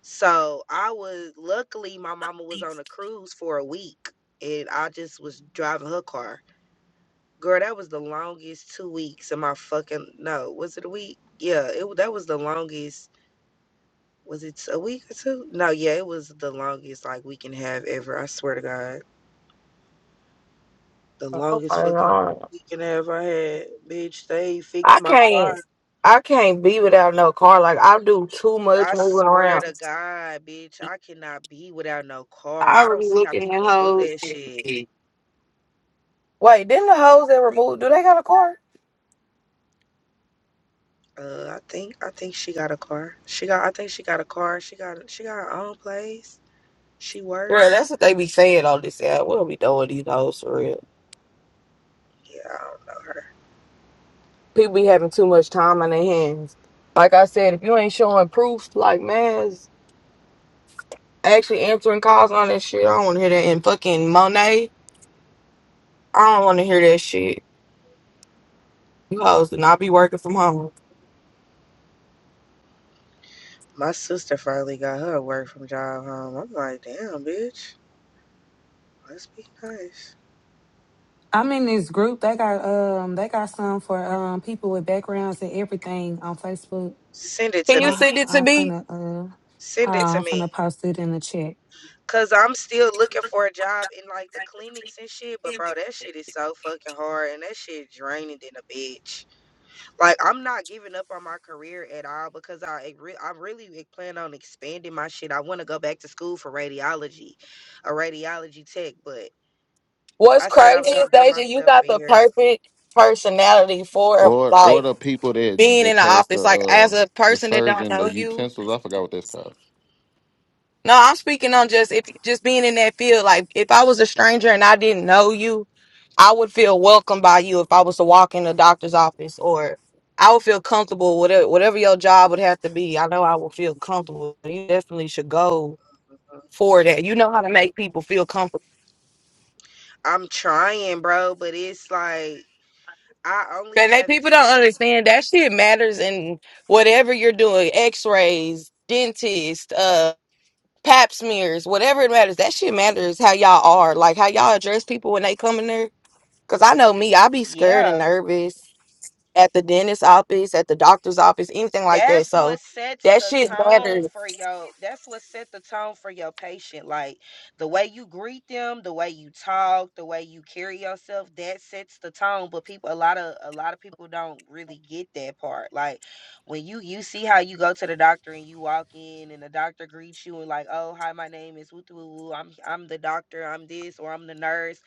[SPEAKER 5] So I was luckily my mama was
[SPEAKER 2] is.
[SPEAKER 5] on a cruise for a week, and I just was driving her car. Girl, that was the longest two weeks of my fucking no, was it a week? Yeah, it that was the longest Was it a week or two? No, yeah, it was the longest like we can have ever. I swear to God, the longest fucking we can have I had. Bitch, they
[SPEAKER 2] I
[SPEAKER 5] fixed my car.
[SPEAKER 2] can't I can't be without no car. Like I do too much
[SPEAKER 5] I
[SPEAKER 2] moving
[SPEAKER 5] swear to
[SPEAKER 2] around.
[SPEAKER 5] God, bitch, I cannot be without no car.
[SPEAKER 2] I
[SPEAKER 5] I don't
[SPEAKER 2] already
[SPEAKER 5] see how
[SPEAKER 2] looking at
[SPEAKER 5] people do
[SPEAKER 2] hoes.
[SPEAKER 5] that shit.
[SPEAKER 2] Wait, didn't the hoes that removed do they got a car?
[SPEAKER 5] Uh, I think I think she got a car. She got I think she got a car. She got she got her own place. She
[SPEAKER 2] Girl,
[SPEAKER 5] work.
[SPEAKER 2] that's what they be saying on this app. What are we doing these hoes for real?
[SPEAKER 5] Yeah,
[SPEAKER 2] People be having too much time on their hands. Like I said, if you ain't showing proof, like man, it's actually answering calls on that shit, I don't wanna hear that. And fucking Monet, I don't wanna hear that shit. You hoes do not be working from home.
[SPEAKER 5] my sister finally got her work from job home. I'm like, damn, bitch, let's be nice.
[SPEAKER 4] I'm in this group. They got um they got some for um people with backgrounds and everything on Facebook.
[SPEAKER 5] Send it
[SPEAKER 2] Can
[SPEAKER 5] to
[SPEAKER 2] you
[SPEAKER 5] me.
[SPEAKER 4] My,
[SPEAKER 2] send it to
[SPEAKER 4] I'm
[SPEAKER 2] me?
[SPEAKER 4] finna, uh,
[SPEAKER 5] Send
[SPEAKER 4] hold
[SPEAKER 5] it
[SPEAKER 4] on,
[SPEAKER 5] to
[SPEAKER 4] I'm
[SPEAKER 5] me.
[SPEAKER 4] finna post it in the chat.
[SPEAKER 5] Cause I'm still looking for a job in like the clinics and shit, but bro, that shit is so fucking hard and that shit draining than a bitch. Like I'm not giving up on my career at all because I re- I really e- plan on expanding my shit. I want to go back to school for radiology, a radiology tech, but
[SPEAKER 2] What's
[SPEAKER 5] I said I
[SPEAKER 2] crazy
[SPEAKER 5] was
[SPEAKER 2] is
[SPEAKER 5] gonna give
[SPEAKER 2] Deja, you
[SPEAKER 5] myself a
[SPEAKER 2] got the
[SPEAKER 5] year.
[SPEAKER 2] perfect personality for
[SPEAKER 1] Or or
[SPEAKER 2] like
[SPEAKER 1] the people that
[SPEAKER 2] being
[SPEAKER 1] that
[SPEAKER 2] in the
[SPEAKER 1] passed the
[SPEAKER 2] office. Like as
[SPEAKER 1] uh
[SPEAKER 2] a
[SPEAKER 1] the
[SPEAKER 2] person that don't
[SPEAKER 1] surgeon the
[SPEAKER 2] know you.
[SPEAKER 1] utensils. I forgot what that's called.
[SPEAKER 2] No, I'm speaking on
[SPEAKER 5] You see,
[SPEAKER 2] just if just being in that field. Like if I was a stranger and I didn't know you, I would feel welcomed by you if I was to walk in the doctor's office or I would feel comfortable whatever whatever your job would have to be. I know I would feel comfortable. You definitely should go for that. You know how to make people feel comfortable.
[SPEAKER 5] I'm trying, bro, but it's like I only
[SPEAKER 2] But they
[SPEAKER 5] have
[SPEAKER 2] people don't
[SPEAKER 5] experience.
[SPEAKER 2] understand that shit matters in whatever you're doing, x-rays, dentist, uh pap smears, whatever it matters. That shit matters how y'all are, like how y'all address people when they come in there. Cause I know me, I be scared
[SPEAKER 5] Yeah.
[SPEAKER 2] and nervous at the dentist office, at the doctor's office, anything like that.
[SPEAKER 5] that's what
[SPEAKER 2] So
[SPEAKER 5] sets
[SPEAKER 2] that
[SPEAKER 5] the
[SPEAKER 2] shit
[SPEAKER 5] tone
[SPEAKER 2] matters.
[SPEAKER 5] for your that's what set the tone for your patient like the way you greet them the way you talk the way you carry yourself that sets the tone but people a lot of a lot of people don't really get that part like when you you see how you go to the doctor and you walk in and the doctor greets you and like oh hi my name is woo woo woo i'm i'm the doctor i'm this or i'm the nurse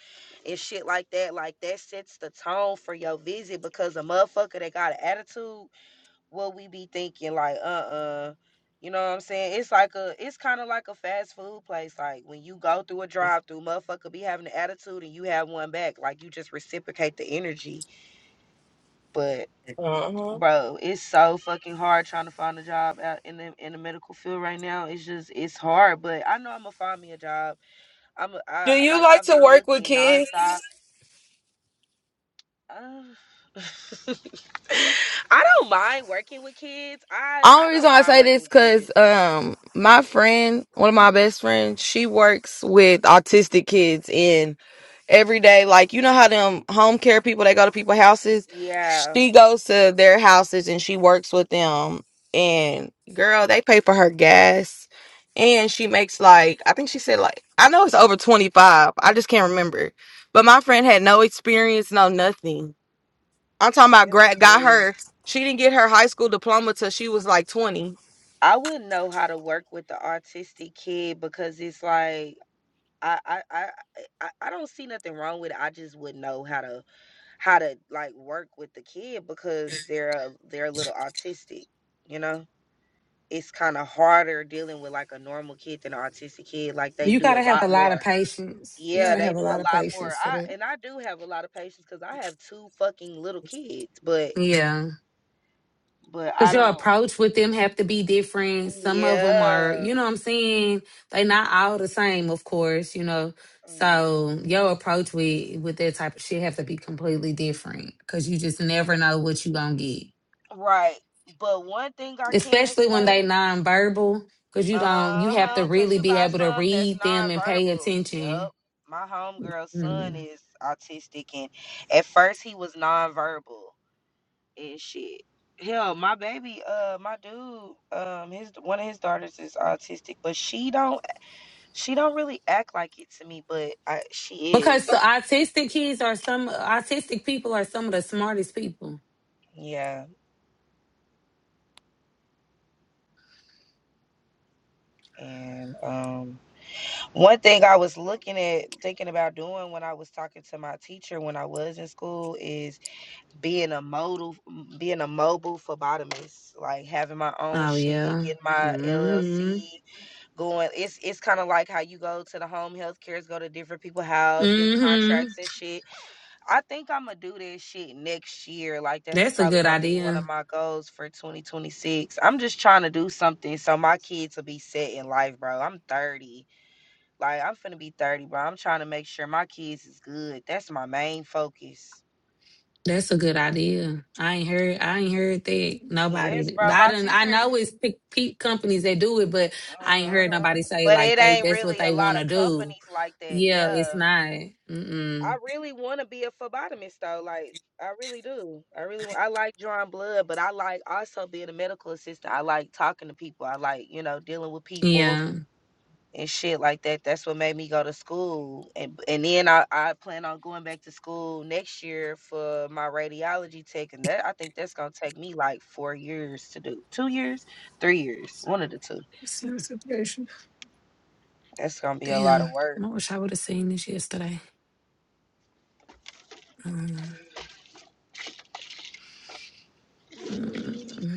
[SPEAKER 5] and shit like that like that sets the tone for your visit because a motherfucker that got an attitude what we be thinking like uh-uh you know what i'm saying it's like a it's kind of like a fast food place like when you go through a drive through motherfucker be having an attitude and you have one back like you just reciprocate the energy but
[SPEAKER 2] Uh-huh.
[SPEAKER 5] bro it's so fucking hard trying to find a job out in the in the medical field right now it's just it's hard but i know i'm gonna find me a job i'm a,
[SPEAKER 2] Do
[SPEAKER 5] i
[SPEAKER 2] you
[SPEAKER 5] like
[SPEAKER 2] like
[SPEAKER 5] i've
[SPEAKER 2] to
[SPEAKER 5] been
[SPEAKER 2] work with
[SPEAKER 5] looking
[SPEAKER 2] kids?
[SPEAKER 5] nonstop uh, I don't mind working with kids. I I
[SPEAKER 2] Only
[SPEAKER 5] don't
[SPEAKER 2] reason I
[SPEAKER 5] mind
[SPEAKER 2] say
[SPEAKER 5] working
[SPEAKER 2] this
[SPEAKER 5] with kids.
[SPEAKER 2] because um my friend, one of my best friends, she works with autistic kids and every day. Like you know how them home care people they go to people's houses.
[SPEAKER 5] Yeah,
[SPEAKER 2] She goes to their houses and she works with them. And girl, they pay for her gas, and she makes like I think she said like I know it's over twenty five. I just can't remember. But my friend had no experience, no nothing. I'm talking about
[SPEAKER 5] that's
[SPEAKER 2] grad got
[SPEAKER 5] good.
[SPEAKER 2] her. She didn't get her high school diploma till she was like twenty
[SPEAKER 5] I wouldn't know how to work with the autistic kid because it's like I I I I I don't see nothing wrong with it. I just wouldn't know how to how to like work with the kid because they're a, they're a little autistic, you know? It's kind of harder dealing with like a normal kid than an autistic kid. Like they
[SPEAKER 4] You
[SPEAKER 5] do a
[SPEAKER 4] gotta have
[SPEAKER 5] lot
[SPEAKER 4] a lot of
[SPEAKER 5] more.
[SPEAKER 4] patience. You
[SPEAKER 5] Yeah,
[SPEAKER 4] gotta
[SPEAKER 5] they
[SPEAKER 4] have a
[SPEAKER 5] do a
[SPEAKER 4] lot of
[SPEAKER 5] lot more.
[SPEAKER 4] patience for
[SPEAKER 5] I
[SPEAKER 4] that.
[SPEAKER 5] and I do have a lot of patience because I have two fucking little kids, but
[SPEAKER 4] Yeah.
[SPEAKER 5] but I
[SPEAKER 4] Cause your
[SPEAKER 5] don't.
[SPEAKER 4] approach with them have to be different. Some of them are,
[SPEAKER 5] Yeah.
[SPEAKER 4] you know what I'm saying? They not all the same, of course, you know.
[SPEAKER 5] mm.
[SPEAKER 4] So your approach with with that type of shit have to be completely different. Cause you just never know what you gonna get.
[SPEAKER 5] Right. But one thing I can
[SPEAKER 4] Especially when they
[SPEAKER 5] say,
[SPEAKER 4] nonverbal, cause you don't you have to
[SPEAKER 5] uh-huh, cause
[SPEAKER 4] really
[SPEAKER 5] you
[SPEAKER 4] be
[SPEAKER 5] got
[SPEAKER 4] able to
[SPEAKER 5] some that's
[SPEAKER 4] read them and pay
[SPEAKER 5] nonverbal. Yup.
[SPEAKER 4] attention.
[SPEAKER 5] My homegirl's son
[SPEAKER 4] Hmm.
[SPEAKER 5] is autistic and at first he was nonverbal and shit. Hell, my baby, uh, my dude, um, his one of his daughters is autistic, but she don't she don't really act like it to me, but I she
[SPEAKER 4] Because
[SPEAKER 5] is.
[SPEAKER 4] the autistic kids are some autistic people are some of the smartest people.
[SPEAKER 5] Yeah. And um One thing I was looking at, thinking about doing when I was talking to my teacher when I was in school is being a modal, being a mobile phlebotomist, like having my own
[SPEAKER 4] Oh
[SPEAKER 5] shit,
[SPEAKER 4] yeah.
[SPEAKER 5] getting my
[SPEAKER 4] hmm
[SPEAKER 5] LLC going. It's it's kind of like how you go to the home health cares, go to different people's house, get
[SPEAKER 4] hmm
[SPEAKER 5] contracts and shit. I think I'm gonna do this shit next year. Like that's
[SPEAKER 4] That's a
[SPEAKER 5] probably
[SPEAKER 4] good
[SPEAKER 5] gonna be one of
[SPEAKER 4] idea.
[SPEAKER 5] my goals for 2026. I'm just trying to do something so my kids will be set in life, bro. I'm 30 like I'm finna be 30, bro. I'm trying to make sure my kids is good. That's my main focus.
[SPEAKER 4] That's a good idea. I ain't heard I ain't heard that
[SPEAKER 5] Yes,
[SPEAKER 4] nobody
[SPEAKER 5] bro.
[SPEAKER 4] I
[SPEAKER 5] My
[SPEAKER 4] don't I
[SPEAKER 5] teacher.
[SPEAKER 4] know it's pe- pe- companies that do it, but I ain't heard
[SPEAKER 5] hmm
[SPEAKER 4] nobody say
[SPEAKER 5] But
[SPEAKER 4] like
[SPEAKER 5] it
[SPEAKER 4] they
[SPEAKER 5] ain't
[SPEAKER 4] that's what
[SPEAKER 5] really a
[SPEAKER 4] they
[SPEAKER 5] lot
[SPEAKER 4] wanna
[SPEAKER 5] of
[SPEAKER 4] do.
[SPEAKER 5] companies like that.
[SPEAKER 4] Yeah, it's
[SPEAKER 5] Yeah.
[SPEAKER 4] not.
[SPEAKER 5] I
[SPEAKER 4] Mm-mm.
[SPEAKER 5] really want to be a phlebotomist though. Like I really do. I really I like drawing blood, but I like also being a medical assistant. I like talking to people. I like, you know, dealing with people.
[SPEAKER 4] Yeah.
[SPEAKER 5] and shit like that. That's what made me go to school. And and then I, I plan on going back to school next year for my radiology tech and that I think that's gonna take me like four years to do. Two years, three years, one of the two.
[SPEAKER 4] Serious depression.
[SPEAKER 5] That's gonna be a lot of
[SPEAKER 4] Damn.
[SPEAKER 5] work.
[SPEAKER 4] I wish I would have seen this yesterday. Um,